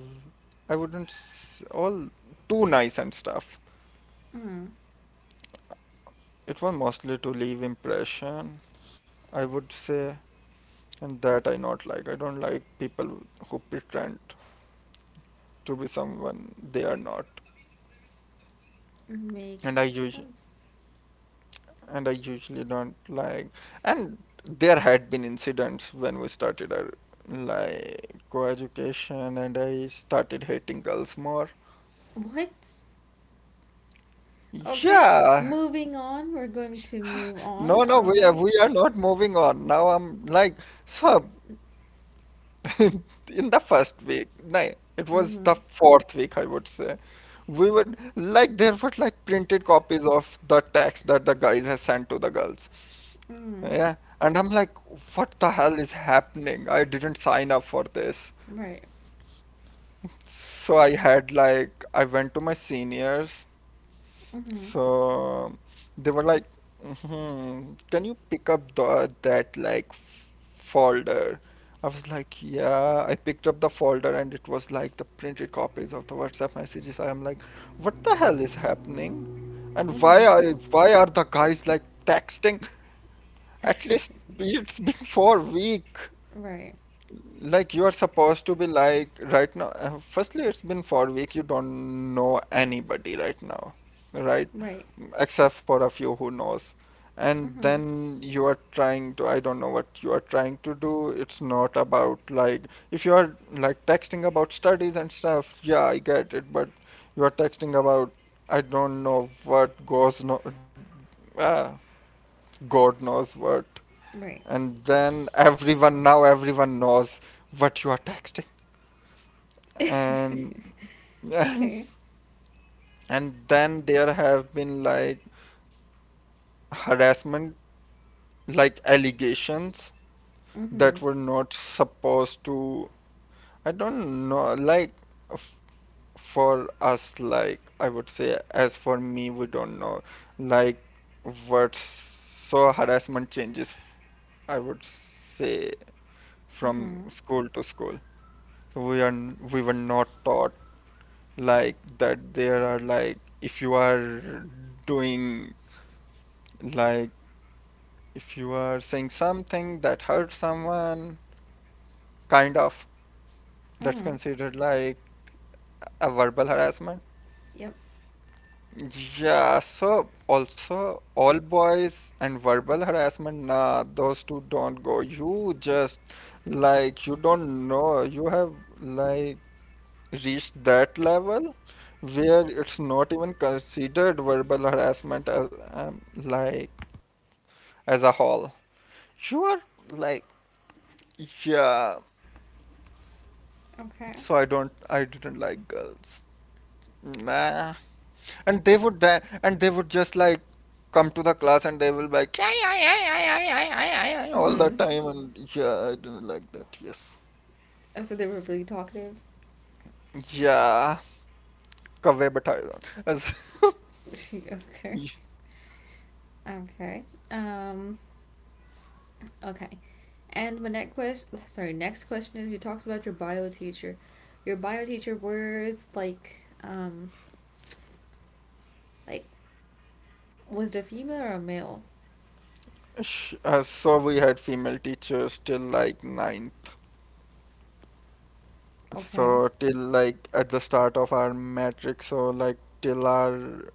[SPEAKER 2] I wouldn't s- all too nice and stuff.
[SPEAKER 1] Mm.
[SPEAKER 2] It was mostly to leave impression, I would say, and that I not like. I don't like people who pretend to be someone they are not.
[SPEAKER 1] Makes
[SPEAKER 2] And I us
[SPEAKER 1] sense.
[SPEAKER 2] and I usually don't like. And there had been incidents when we started our like co-education, and I started hating girls more.
[SPEAKER 1] What? Okay.
[SPEAKER 2] Yeah,
[SPEAKER 1] Moving on. We're going to move
[SPEAKER 2] no,
[SPEAKER 1] on.
[SPEAKER 2] no,
[SPEAKER 1] All
[SPEAKER 2] we are
[SPEAKER 1] right.
[SPEAKER 2] we are not moving on. Now I'm like so. In the first week, no, it was the fourth week, I would say. We would like there were like printed copies of the text that the guys has sent to the girls.
[SPEAKER 1] Mm.
[SPEAKER 2] Yeah, and I'm like, what the hell is happening? I didn't sign up for this.
[SPEAKER 1] Right.
[SPEAKER 2] So I had like, I went to my seniors.
[SPEAKER 1] Mm-hmm.
[SPEAKER 2] So they were like, hmm, can you pick up the that like f- folder? I was like, yeah. I picked up the folder and it was like the printed copies of the WhatsApp messages. I am like, what the hell is happening? And
[SPEAKER 1] Mm-hmm.
[SPEAKER 2] why are why are the guys like texting? At least it's been for a week.
[SPEAKER 1] Right.
[SPEAKER 2] Like you are supposed to be like right now. Uh, firstly, it's been four week. You don't know anybody right now, right?
[SPEAKER 1] Right.
[SPEAKER 2] Except for a few who knows. And
[SPEAKER 1] Mm-hmm.
[SPEAKER 2] then you are trying to. I don't know what you are trying to do. It's not about like if you are like texting about studies and stuff. Yeah, I get it. But you are texting about, I don't know what goes no. Uh, God knows what,
[SPEAKER 1] Right.
[SPEAKER 2] and then everyone, now everyone knows what you are texting, and and, and then there have been like harassment like allegations
[SPEAKER 1] Mm-hmm.
[SPEAKER 2] that were not supposed to, I don't know like f- for us, like I would say as for me, we don't know like what, so harassment changes, I would say, from
[SPEAKER 1] Mm-hmm.
[SPEAKER 2] school to school. So we are n- we were not taught like that there are like if you are doing like if you are saying something that hurts someone kind of, that's
[SPEAKER 1] Mm-hmm.
[SPEAKER 2] considered like a verbal harassment.
[SPEAKER 1] Yep.
[SPEAKER 2] Yeah, so also all boys and verbal harassment, nah, those two don't go. You just like, you don't know you have like reached that level where it's not even considered verbal harassment as um, like as a whole. You are like, yeah.
[SPEAKER 1] Okay.
[SPEAKER 2] So I don't, I didn't like girls. Nah. And they would, da- and they would just like come to the class and they will be like, "Ay, ay, ay, ay, ay, ay, ay, ay," all the
[SPEAKER 1] Mm-hmm.
[SPEAKER 2] time. And yeah, I didn't like that. Yes.
[SPEAKER 1] Oh, so they were really talkative.
[SPEAKER 2] Yeah. Kavve bathaya. As,
[SPEAKER 1] Okay. Okay. Um. Okay. And my next question, sorry, next question is, you talked about your bio teacher. Your bio teacher was, like, um, like, was the female or a male?
[SPEAKER 2] Sh- uh, so we had female teachers till like ninth.
[SPEAKER 1] Okay.
[SPEAKER 2] So till like at the start of our matrix, so like till our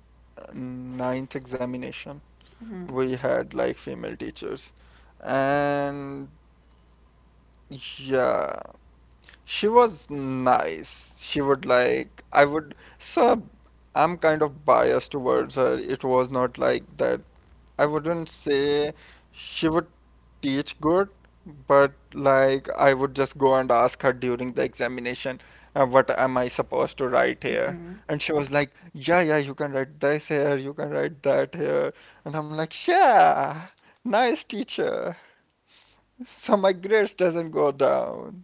[SPEAKER 2] ninth examination,
[SPEAKER 1] Mhm.
[SPEAKER 2] we had like female teachers, and yeah, she was nice. She would like I would so I'm kind of biased towards her. It was not like that. I wouldn't say she would teach good, but like I would just go and ask her during the examination, uh, what am I supposed to write here?
[SPEAKER 1] Mhm.
[SPEAKER 2] And she was like, yeah, yeah, you can write this here, you can write that here. And I'm like, yeah, nice teacher. So my grades doesn't go down.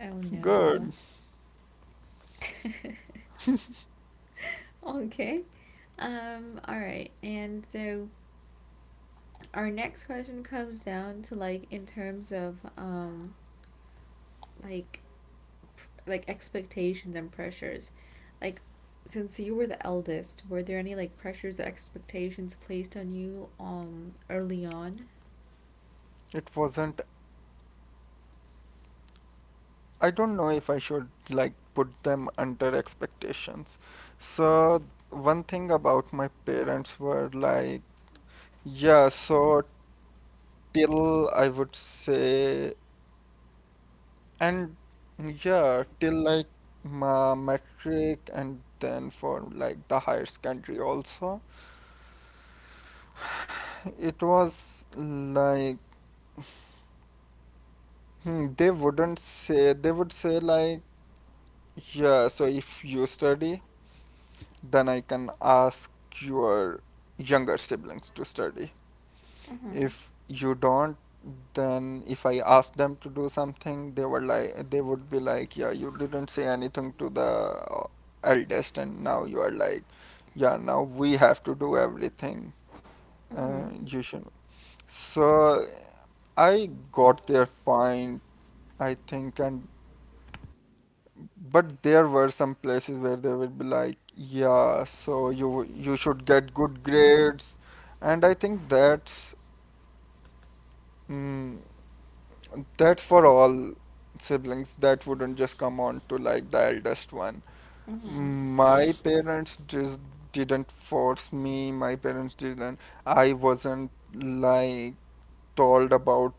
[SPEAKER 1] Oh no.
[SPEAKER 2] Good.
[SPEAKER 1] Okay. Um. All right. And so our next question comes down to, like, in terms of, um like like expectations and pressures, like, since you were the eldest, were there any like pressures or expectations placed on you, um early on?
[SPEAKER 2] It wasn't, I don't know if I should like put them under expectations. So one thing about my parents were like, yeah, so till I would say, and yeah, till like my metric and then for like the higher secondary also. It was like, hmm, they wouldn't say, they would say like, yeah, so if you study, then I can ask your younger siblings to study.
[SPEAKER 1] Mm-hmm.
[SPEAKER 2] If you don't, then if I asked them to do something, they were like, they would be like, yeah, you didn't say anything to the uh, eldest, and now you are like, yeah, now we have to do everything.
[SPEAKER 1] Mm-hmm.
[SPEAKER 2] Uh, you should. So I got their point, I think, and but there were some places where they would be like, yeah, so you you should get good grades, and I think that's. Mm, that's for all siblings. That wouldn't just come on to like the eldest one.
[SPEAKER 1] Mm-hmm.
[SPEAKER 2] My parents just didn't force me. My parents didn't. I wasn't like told about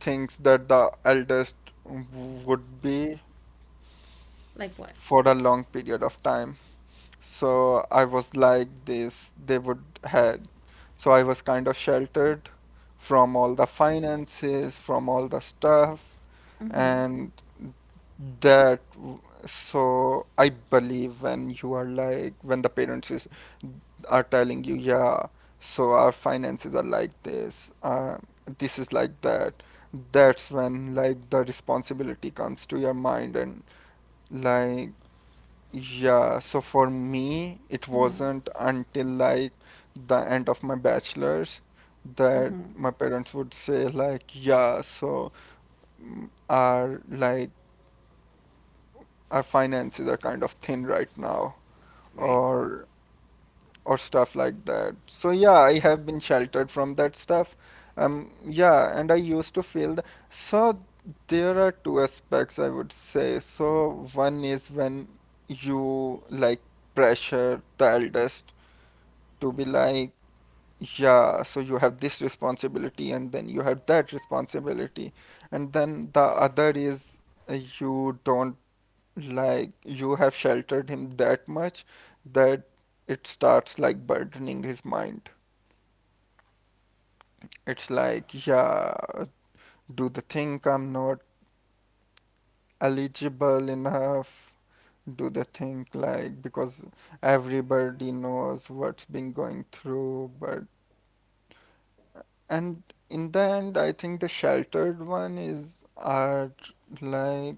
[SPEAKER 2] things that the eldest would be
[SPEAKER 1] Like what?
[SPEAKER 2] for a long period of time. So I was like this, they would had. So I was kind of sheltered from all the finances, from all the stuff,
[SPEAKER 1] Mm-hmm.
[SPEAKER 2] and that. So I believe when you are like, when the parents is, are telling you, yeah, so our finances are like this, uh, this is like that. That's when like the responsibility comes to your mind and like, yeah, so for me, it
[SPEAKER 1] Mm-hmm.
[SPEAKER 2] wasn't until like the end of my bachelor's that
[SPEAKER 1] Mm-hmm.
[SPEAKER 2] my parents would say like, yeah, so mm, our like our finances are kind of thin right now
[SPEAKER 1] Right.
[SPEAKER 2] or or stuff like that. So yeah, I have been sheltered from that stuff. Um, yeah, and I used to feel th- so there are two aspects I would say. So one is when you like pressure the eldest to be like, yeah, so you have this responsibility and then you have that responsibility. And then the other is, uh, you don't like, you have sheltered him that much that it starts like burdening his mind.
[SPEAKER 1] Right.
[SPEAKER 2] It's
[SPEAKER 1] I
[SPEAKER 2] like,
[SPEAKER 1] think
[SPEAKER 2] yeah,
[SPEAKER 1] that reminds
[SPEAKER 2] do
[SPEAKER 1] me,
[SPEAKER 2] they think I'm not
[SPEAKER 1] how, like,
[SPEAKER 2] eligible
[SPEAKER 1] um like, for me,
[SPEAKER 2] enough?
[SPEAKER 1] like, I was, like, when
[SPEAKER 2] Do
[SPEAKER 1] I
[SPEAKER 2] they
[SPEAKER 1] was growing up
[SPEAKER 2] think
[SPEAKER 1] and stuff,
[SPEAKER 2] like, because
[SPEAKER 1] um
[SPEAKER 2] everybody knows what's
[SPEAKER 1] can you
[SPEAKER 2] been
[SPEAKER 1] hear me?
[SPEAKER 2] going through, but. And in the
[SPEAKER 1] Can you
[SPEAKER 2] end,
[SPEAKER 1] hear
[SPEAKER 2] I
[SPEAKER 1] me?
[SPEAKER 2] think the sheltered one is are like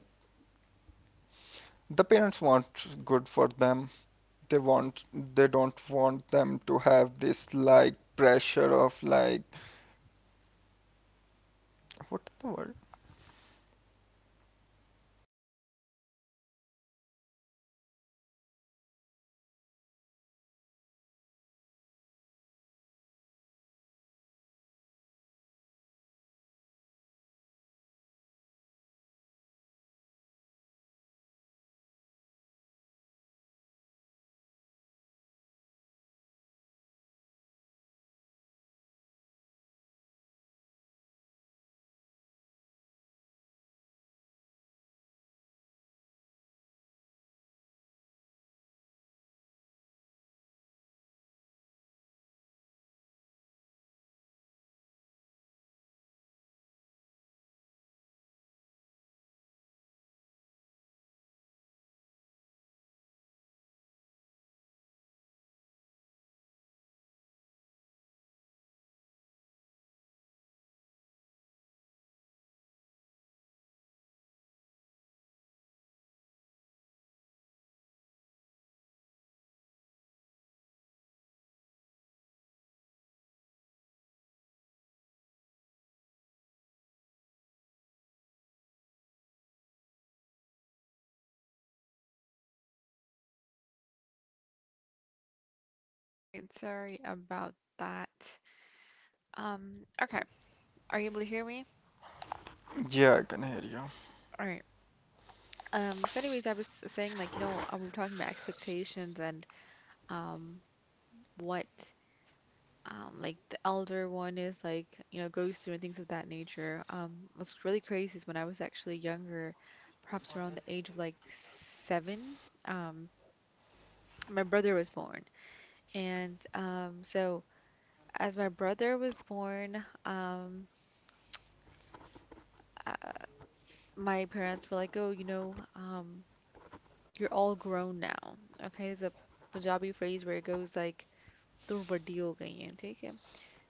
[SPEAKER 2] the parents want good for them. They want, they don't want them to have this like pressure of like, what the word?
[SPEAKER 1] Sorry about that. Um, okay. Are you able to hear me?
[SPEAKER 2] Yeah, I can hear you.
[SPEAKER 1] All right. Um, so anyways, I was saying, like, you know, uh, we were talking about expectations and um what, um like, the elder one, is like, you know, goes through and things of that nature. Um, what's really crazy is, when I was actually younger, perhaps around the age of, like, seven, um, my brother was born. And, um so as my brother was born, um uh, my parents were like, oh, you know, um, you're all grown now. Okay, there's a Punjabi phrase where it goes like, तुम बड़ी हो गई हैं, ठीक है?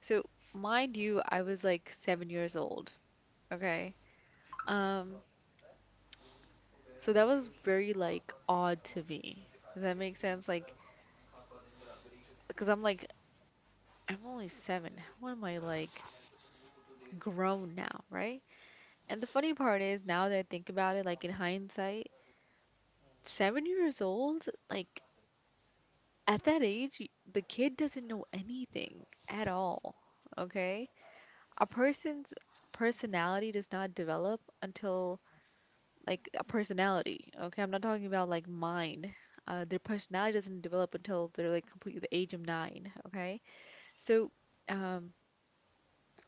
[SPEAKER 1] So, mind you, I was like seven years old. Okay. Um, so that was very, like, odd to me. Does that make sense? Like, because I'm like, I'm only seven. How am I, like, grown now, right? And the funny part is, now that I think about it, like, in hindsight, seven years old, like, at that age, y- the kid doesn't know anything at all. Okay? A person's personality does not develop until, like, a personality. Okay, I'm not talking about like mind. Uh, their personality doesn't develop until they're, like, completely the age of nine. Okay, so, um,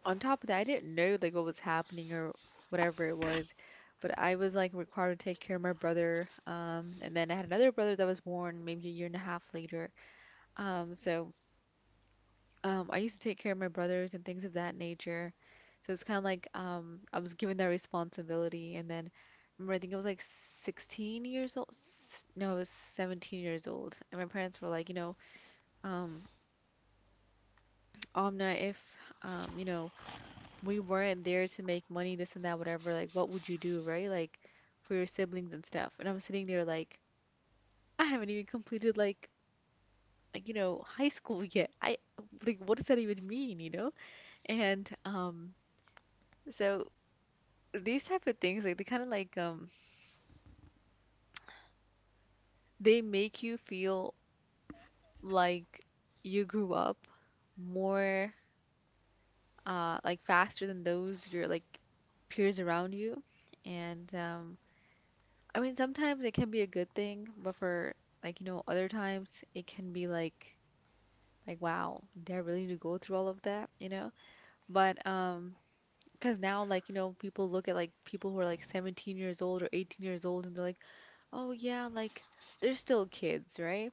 [SPEAKER 1] on top of that, I didn't know, like, what was happening or whatever it was, but I was, like, required to take care of my brother. Um, and then I had another brother that was born maybe a year and a half later. Um, so. um, I used to take care of my brothers and things of that nature. So it's kind of like, um, I was given that responsibility. And then, remember, I think I was like sixteen years old. s- No, I was seventeen years old. And my parents were like, you know, um, Omna, if, um, you know, we weren't there to make money, this and that, whatever, like, what would you do, right? Like, for your siblings and stuff. And I'm sitting there like, I haven't even completed, like, like, you know, high school yet. I, like, what does that even mean, you know? And, um, so these type of things, like, they kind of, like, um they make you feel like you grew up more, uh like, faster than those your like peers around you, and um I mean sometimes it can be a good thing, but for, like, you know, other times it can be, like, like wow, did I really need to go through all of that, you know? But um because now, like, you know, people look at, like, people who are like seventeen years old or eighteen years old, and they're like, oh yeah, like, they're still kids, right?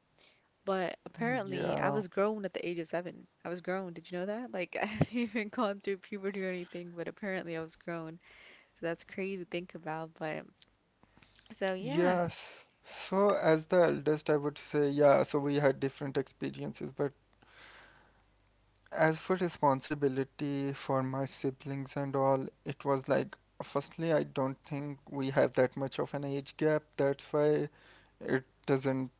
[SPEAKER 1] But apparently, I
[SPEAKER 2] Yeah.
[SPEAKER 1] was grown at the age of seven. I was grown. Did you know that? Like, I hadn't even gone through puberty or anything, but apparently, I was grown. So that's crazy to think about. But so, yeah.
[SPEAKER 2] Yes. So as the eldest, I would say, yeah, so we had different experiences, but as for responsibility for my siblings and all, it was like, firstly, I don't think we have that much of an age gap. That's why it doesn't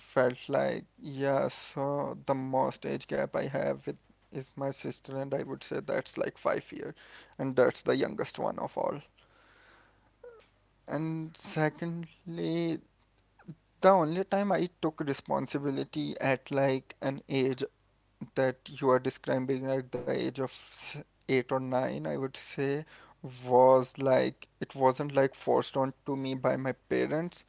[SPEAKER 2] felt like, yeah, so the most age gap I have with is my sister, and I would say that's like five year, and that's the youngest one of all. And secondly, the only time I took responsibility at like an age that you are describing at the age of s- eight or nine, I would say, was like it wasn't like forced on to me by my parents.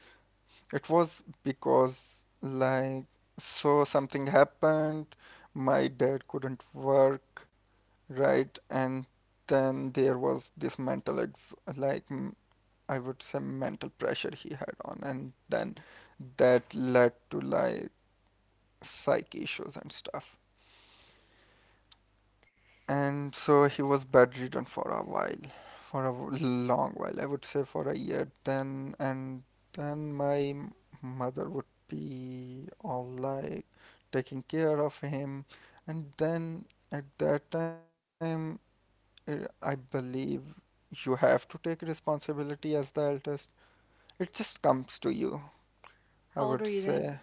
[SPEAKER 2] It was because like so something happened, my dad couldn't work, right? And then there was this mental ex like m- I would say mental pressure he had on, and then that led to like psych issues and stuff. And so he was bedridden for a while, for a w- long while, I would say for a year. Then and then my m- mother would be all like taking care of him. And then at that time, uh, I believe you have to take responsibility as the eldest. It just comes to you, I
[SPEAKER 1] How old
[SPEAKER 2] would
[SPEAKER 1] were you then?
[SPEAKER 2] say.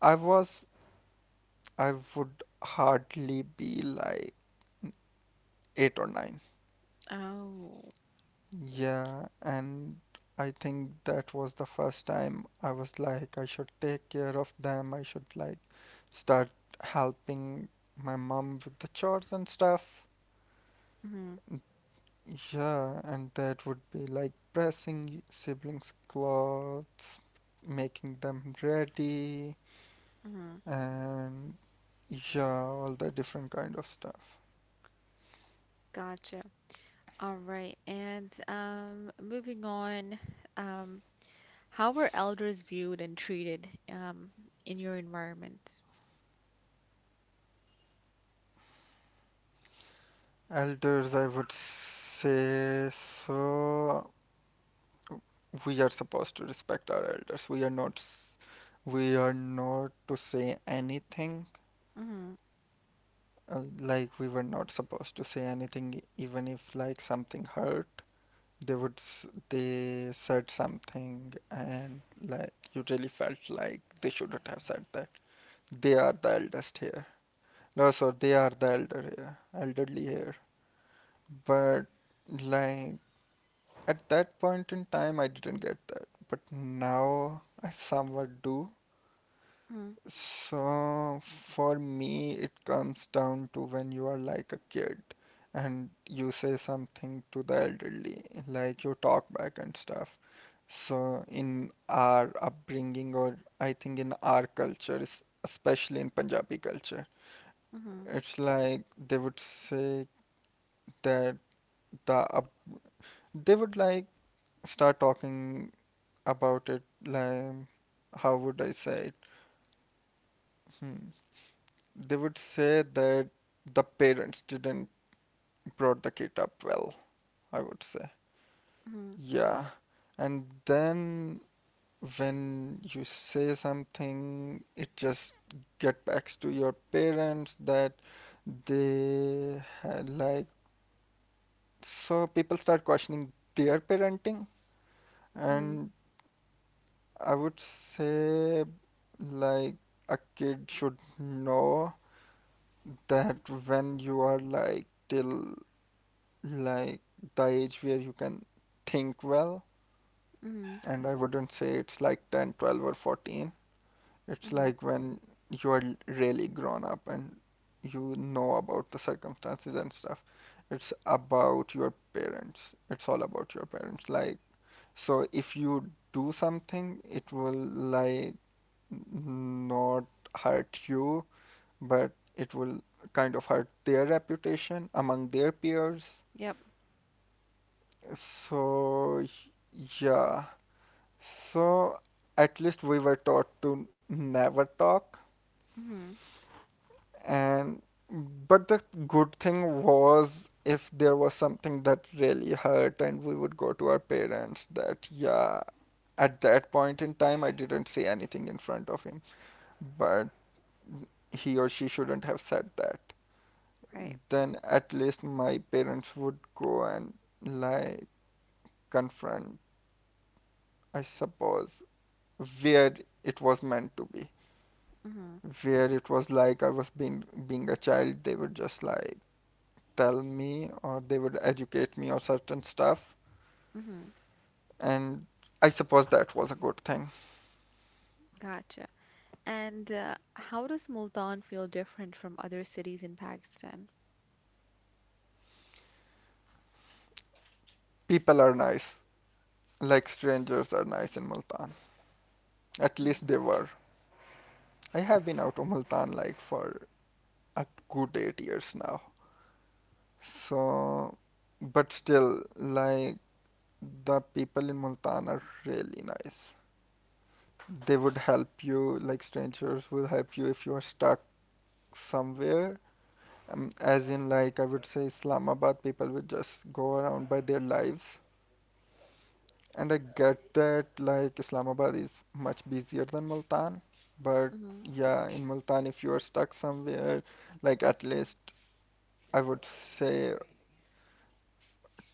[SPEAKER 2] I was, I would hardly be like eight or nine.
[SPEAKER 1] Oh,
[SPEAKER 2] Yeah, and I think that was the first time I was like, I should take care of them. I should like start helping my mom with the chores and stuff.
[SPEAKER 1] mm-hmm.
[SPEAKER 2] Yeah, and that would be like pressing siblings' clothes, making them ready,
[SPEAKER 1] Mm-hmm.
[SPEAKER 2] and yeah, all the different kind of stuff.
[SPEAKER 1] Gotcha. All right. And, um, moving on, um, how were elders viewed and treated, um, in your environment?
[SPEAKER 2] Elders, I would say so. We are supposed to respect our elders. We are not s- we are not to say anything.
[SPEAKER 1] Mm-hmm.
[SPEAKER 2] Uh, like we were not supposed to say anything, even if like something hurt. They would s- they said something, and like you really felt like they shouldn't have said that. They are the eldest here. No, sorry, they are the elder here, elderly here. But like at that point in time, I didn't get that, but now I somewhat do.
[SPEAKER 1] Mm-hmm.
[SPEAKER 2] So for me, it comes down to when you are like a kid and you say something to the elderly, like you talk back and stuff. So in our upbringing, or I think in our culture, es- especially in Punjabi culture,
[SPEAKER 1] Mm-hmm.
[SPEAKER 2] it's like they would say that the up, they would like start talking about it, like how would I say it? Hmm. They would say that the parents didn't brought the kid up well, I would say. Yeah. And then when you say something, it just get back to your parents that they had like, so people start questioning their parenting.
[SPEAKER 1] Mm-hmm.
[SPEAKER 2] And I would say like a kid should know that when you are like till like the age where you can think well,
[SPEAKER 1] Mm-hmm.
[SPEAKER 2] and I wouldn't say it's like ten, twelve, or fourteen. It's
[SPEAKER 1] Mm-hmm.
[SPEAKER 2] like when you are really grown up and you know about the circumstances and stuff. It's about your parents, it's all about your parents, like, so if you do something it will like not hurt you, but it will kind of hurt their reputation among their peers.
[SPEAKER 1] Yep.
[SPEAKER 2] So, yeah. So, at least we were taught to never talk.
[SPEAKER 1] Mm-hmm.
[SPEAKER 2] And, but the good thing was if there was something that really hurt, and we would go to our parents that, yeah, at that point in time, I didn't say anything in front of him. But he or she shouldn't have said that.
[SPEAKER 1] Right.
[SPEAKER 2] Then at least my parents would go and like confront, I suppose. Where it was meant to be,
[SPEAKER 1] Hmm.
[SPEAKER 2] where it was like I was being being a child, they would just like tell me or they would educate me or certain stuff.
[SPEAKER 1] Hmm.
[SPEAKER 2] And I suppose that was a good thing.
[SPEAKER 1] Gotcha. And, uh, how does Multan feel different from other cities in Pakistan?
[SPEAKER 2] People are nice, like strangers are nice in Multan. At least they were. I have been out of Multan like for a good eight years now. So but still like the people in Multan are really nice. They would help you, like strangers will help you if you are stuck somewhere. Um, as in, like, I would say Islamabad, people would just go around by their lives. And I get that, like, Islamabad is much busier than Multan. But
[SPEAKER 1] Mm-hmm.
[SPEAKER 2] yeah, in Multan, if you are stuck somewhere, like, at least I would say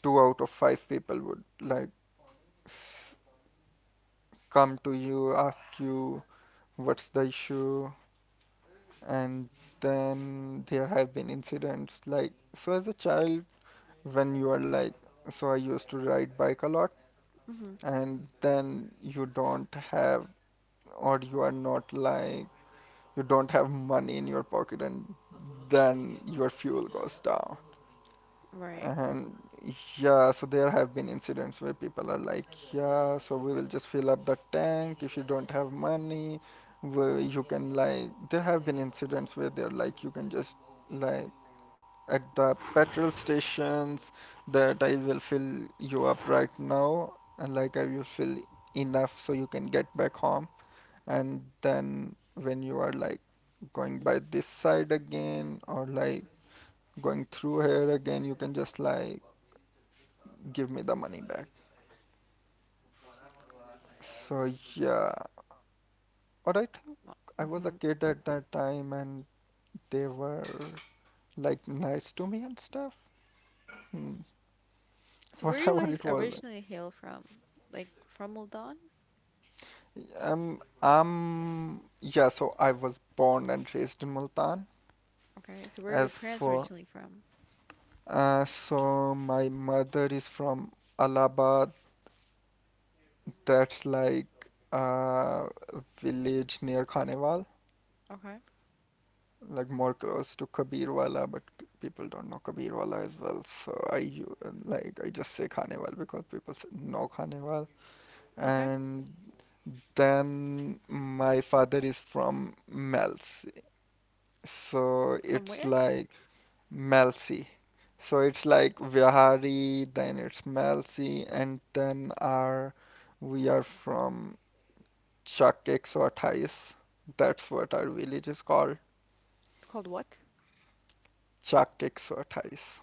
[SPEAKER 2] two out of five people would, like, s- come to you, ask you what's the issue, and then there have been incidents like, so as a child when you are like, so I used to ride bike a lot.
[SPEAKER 1] Mm-hmm.
[SPEAKER 2] And then you don't have, or you are not like, you don't have money in your pocket and then your fuel goes down.
[SPEAKER 1] Right.
[SPEAKER 2] And yeah, so there have been incidents where people are like, yeah, so we will just fill up the tank if you don't have money. Where you can, like there have been incidents where they're like, you can just like at the petrol stations that I will fill you up right now and like I will fill enough so you can get back home. And then when you are like going by this side again or like going through here again, you can just like give me the money back. So yeah. Or I think
[SPEAKER 1] Well.
[SPEAKER 2] I was a
[SPEAKER 1] Mm-hmm.
[SPEAKER 2] kid at that time and they were like nice to me and stuff. Hmm.
[SPEAKER 1] So where you
[SPEAKER 2] Whatever
[SPEAKER 1] guys
[SPEAKER 2] it was.
[SPEAKER 1] originally hail from? Like, from Multan?
[SPEAKER 2] Um, um, yeah, so I was born and raised in Multan.
[SPEAKER 1] Okay. So where your
[SPEAKER 2] As
[SPEAKER 1] parents
[SPEAKER 2] for,
[SPEAKER 1] originally from?
[SPEAKER 2] uh, so my mother is from Allahabad, that's like a village near Khanewal,
[SPEAKER 1] Okay.
[SPEAKER 2] like more close to Kabirwala, but k- people don't know Kabirwala as well. So I u- like, I just say Khanewal because people s- know Khanewal.
[SPEAKER 1] Okay.
[SPEAKER 2] And then my father is from Mel's, so
[SPEAKER 1] From
[SPEAKER 2] it's
[SPEAKER 1] where?
[SPEAKER 2] like Malsi. So it's like Vihari, then it's Malsi, and then our, we are from Chak one twenty-eight. That's what our village is called,
[SPEAKER 1] It's called what?
[SPEAKER 2] Chak one twenty-eight.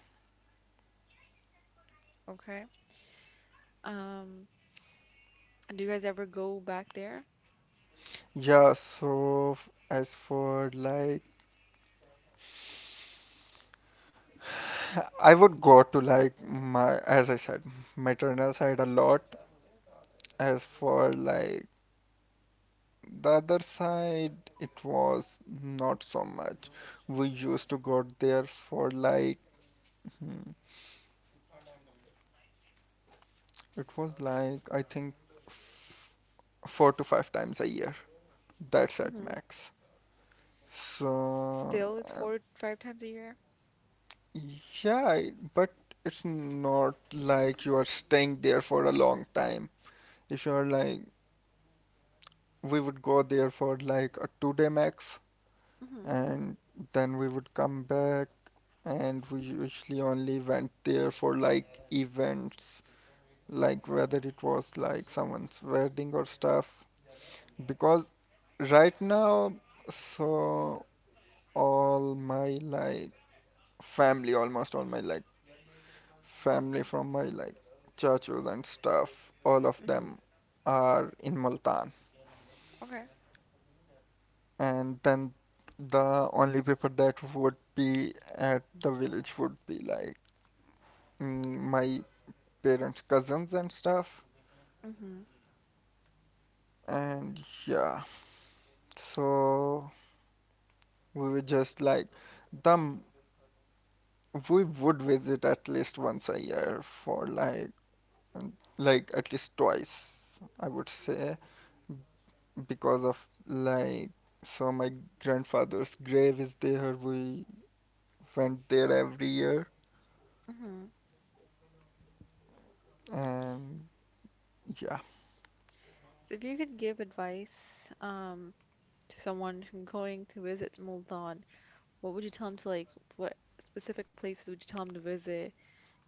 [SPEAKER 1] Okay. Um, do you guys ever go back there?
[SPEAKER 2] Yeah, so f- as for like, I would go to like my, as I said, maternal side a lot. As for like the other side, it was not so much. We used to go there for like, hmm, it was like I think four to five times a year. That's at
[SPEAKER 1] Mm-hmm.
[SPEAKER 2] max. So
[SPEAKER 1] Still, it's
[SPEAKER 2] um,
[SPEAKER 1] four, five times a year?
[SPEAKER 2] yeah, I- but it's not like you are staying there for a long time. If you are like, we would go there for like a two day max,
[SPEAKER 1] Mm-hmm.
[SPEAKER 2] and then we would come back, and we usually only went there for like events, like whether it was like someone's wedding or stuff, because right now, so all my like family, almost all my like family from my like churches and stuff, all of
[SPEAKER 1] Mm-hmm.
[SPEAKER 2] them are in Multan.
[SPEAKER 1] Okay.
[SPEAKER 2] And then the only people that would be at the village would be like, mm, my parents cousins and stuff.
[SPEAKER 1] Mm-hmm.
[SPEAKER 2] And yeah, so we were just like them, we would visit at least once a year for like like at least twice I would say, because of like, so my grandfather's grave is there, we went there every year.
[SPEAKER 1] Mm-hmm.
[SPEAKER 2] And yeah.
[SPEAKER 1] So if you could give advice, um, to someone who's going to visit Multan, what would you tell them to, like? What specific places would you tell them to visit,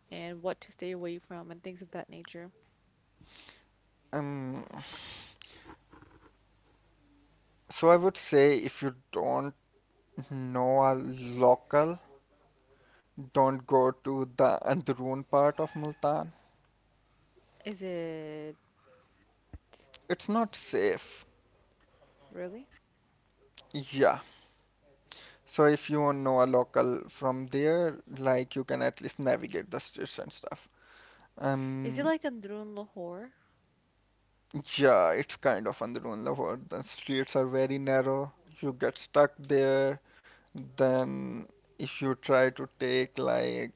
[SPEAKER 1] and what to stay away from, and things of that nature?
[SPEAKER 2] um so I would say if you don't know a local, don't go to the Androon part of Multan.
[SPEAKER 1] Is it
[SPEAKER 2] It's not safe.
[SPEAKER 1] really?
[SPEAKER 2] Yeah. So if you won't know a local from there, like you can at least navigate the streets and stuff.
[SPEAKER 1] Is it
[SPEAKER 2] Um,
[SPEAKER 1] like Andrun Lahore?
[SPEAKER 2] yeah, it's kind of Andarunla world. The streets are very narrow. You get stuck there. Then if you try to take like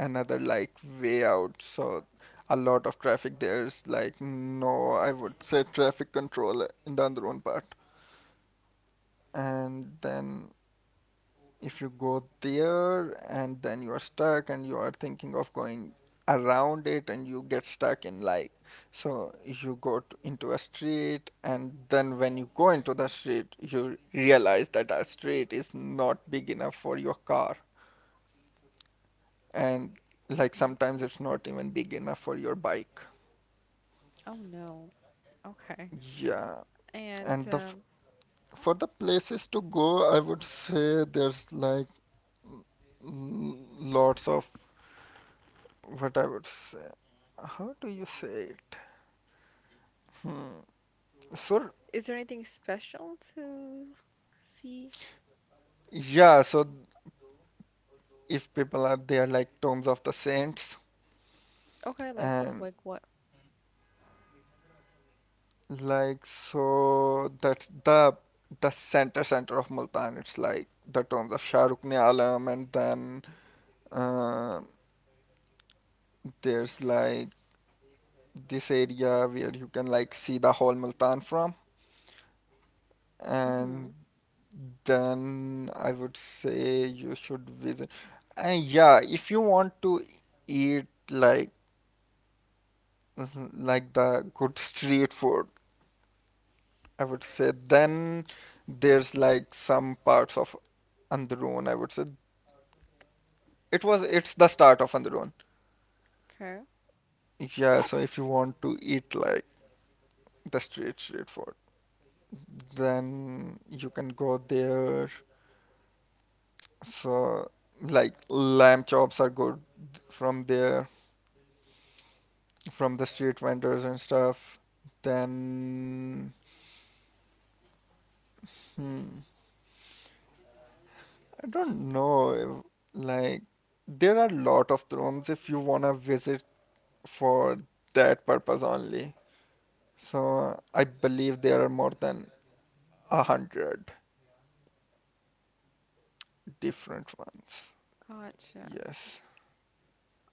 [SPEAKER 2] another like way out, so a lot of traffic there, is like no, I would say traffic control in the Andarun part. And then if you go there and then you are stuck and you are thinking of going around it, and you get stuck in like, so you go to, into a street, and then when you go into the street you realize that that street is not big enough for your car. And like
[SPEAKER 1] Hmm.
[SPEAKER 2] sometimes it's not even big enough for your bike.
[SPEAKER 1] Oh no. Okay.
[SPEAKER 2] Yeah.
[SPEAKER 1] And,
[SPEAKER 2] And the f-
[SPEAKER 1] um,
[SPEAKER 2] for the places to go, I would say there's like l- lots of, what I would say. How do you say it? Hmm. So
[SPEAKER 1] is there anything special to see?
[SPEAKER 2] yeah, so if people are there, like tombs of the saints,
[SPEAKER 1] Okay, like
[SPEAKER 2] and
[SPEAKER 1] like what?
[SPEAKER 2] like, so that's the the center center of Multan. It's like the tombs of Shah Rukn Alam and then uh, there's like this area where you can like see the whole Multan from. And
[SPEAKER 1] Mm-hmm.
[SPEAKER 2] then I would say you should visit. And yeah, if you want to eat like mhm, like the good street food, I would say then there's like some parts of Androon, I would say. It was it's the start of Androon.
[SPEAKER 1] Okay.
[SPEAKER 2] Yeah, so if you want to eat like the street street food, then you can go there. So like lamb chops are good from there, from the street vendors and stuff. Then hmm, I don't know. If- like, there are a lot of rooms if you wanna visit for that purpose only. So I believe there are more than a hundred different ones.
[SPEAKER 1] Gotcha.
[SPEAKER 2] Yes.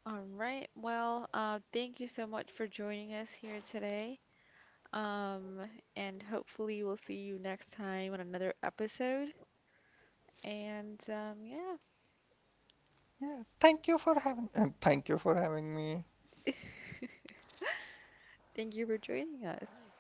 [SPEAKER 1] All right. Well, uh, thank you so much for joining us here today. Um, and hopefully we'll see you next time on another episode. And, um, yeah,
[SPEAKER 2] Yeah. Thank you for having, and thank you for having me.
[SPEAKER 1] thank you for joining us.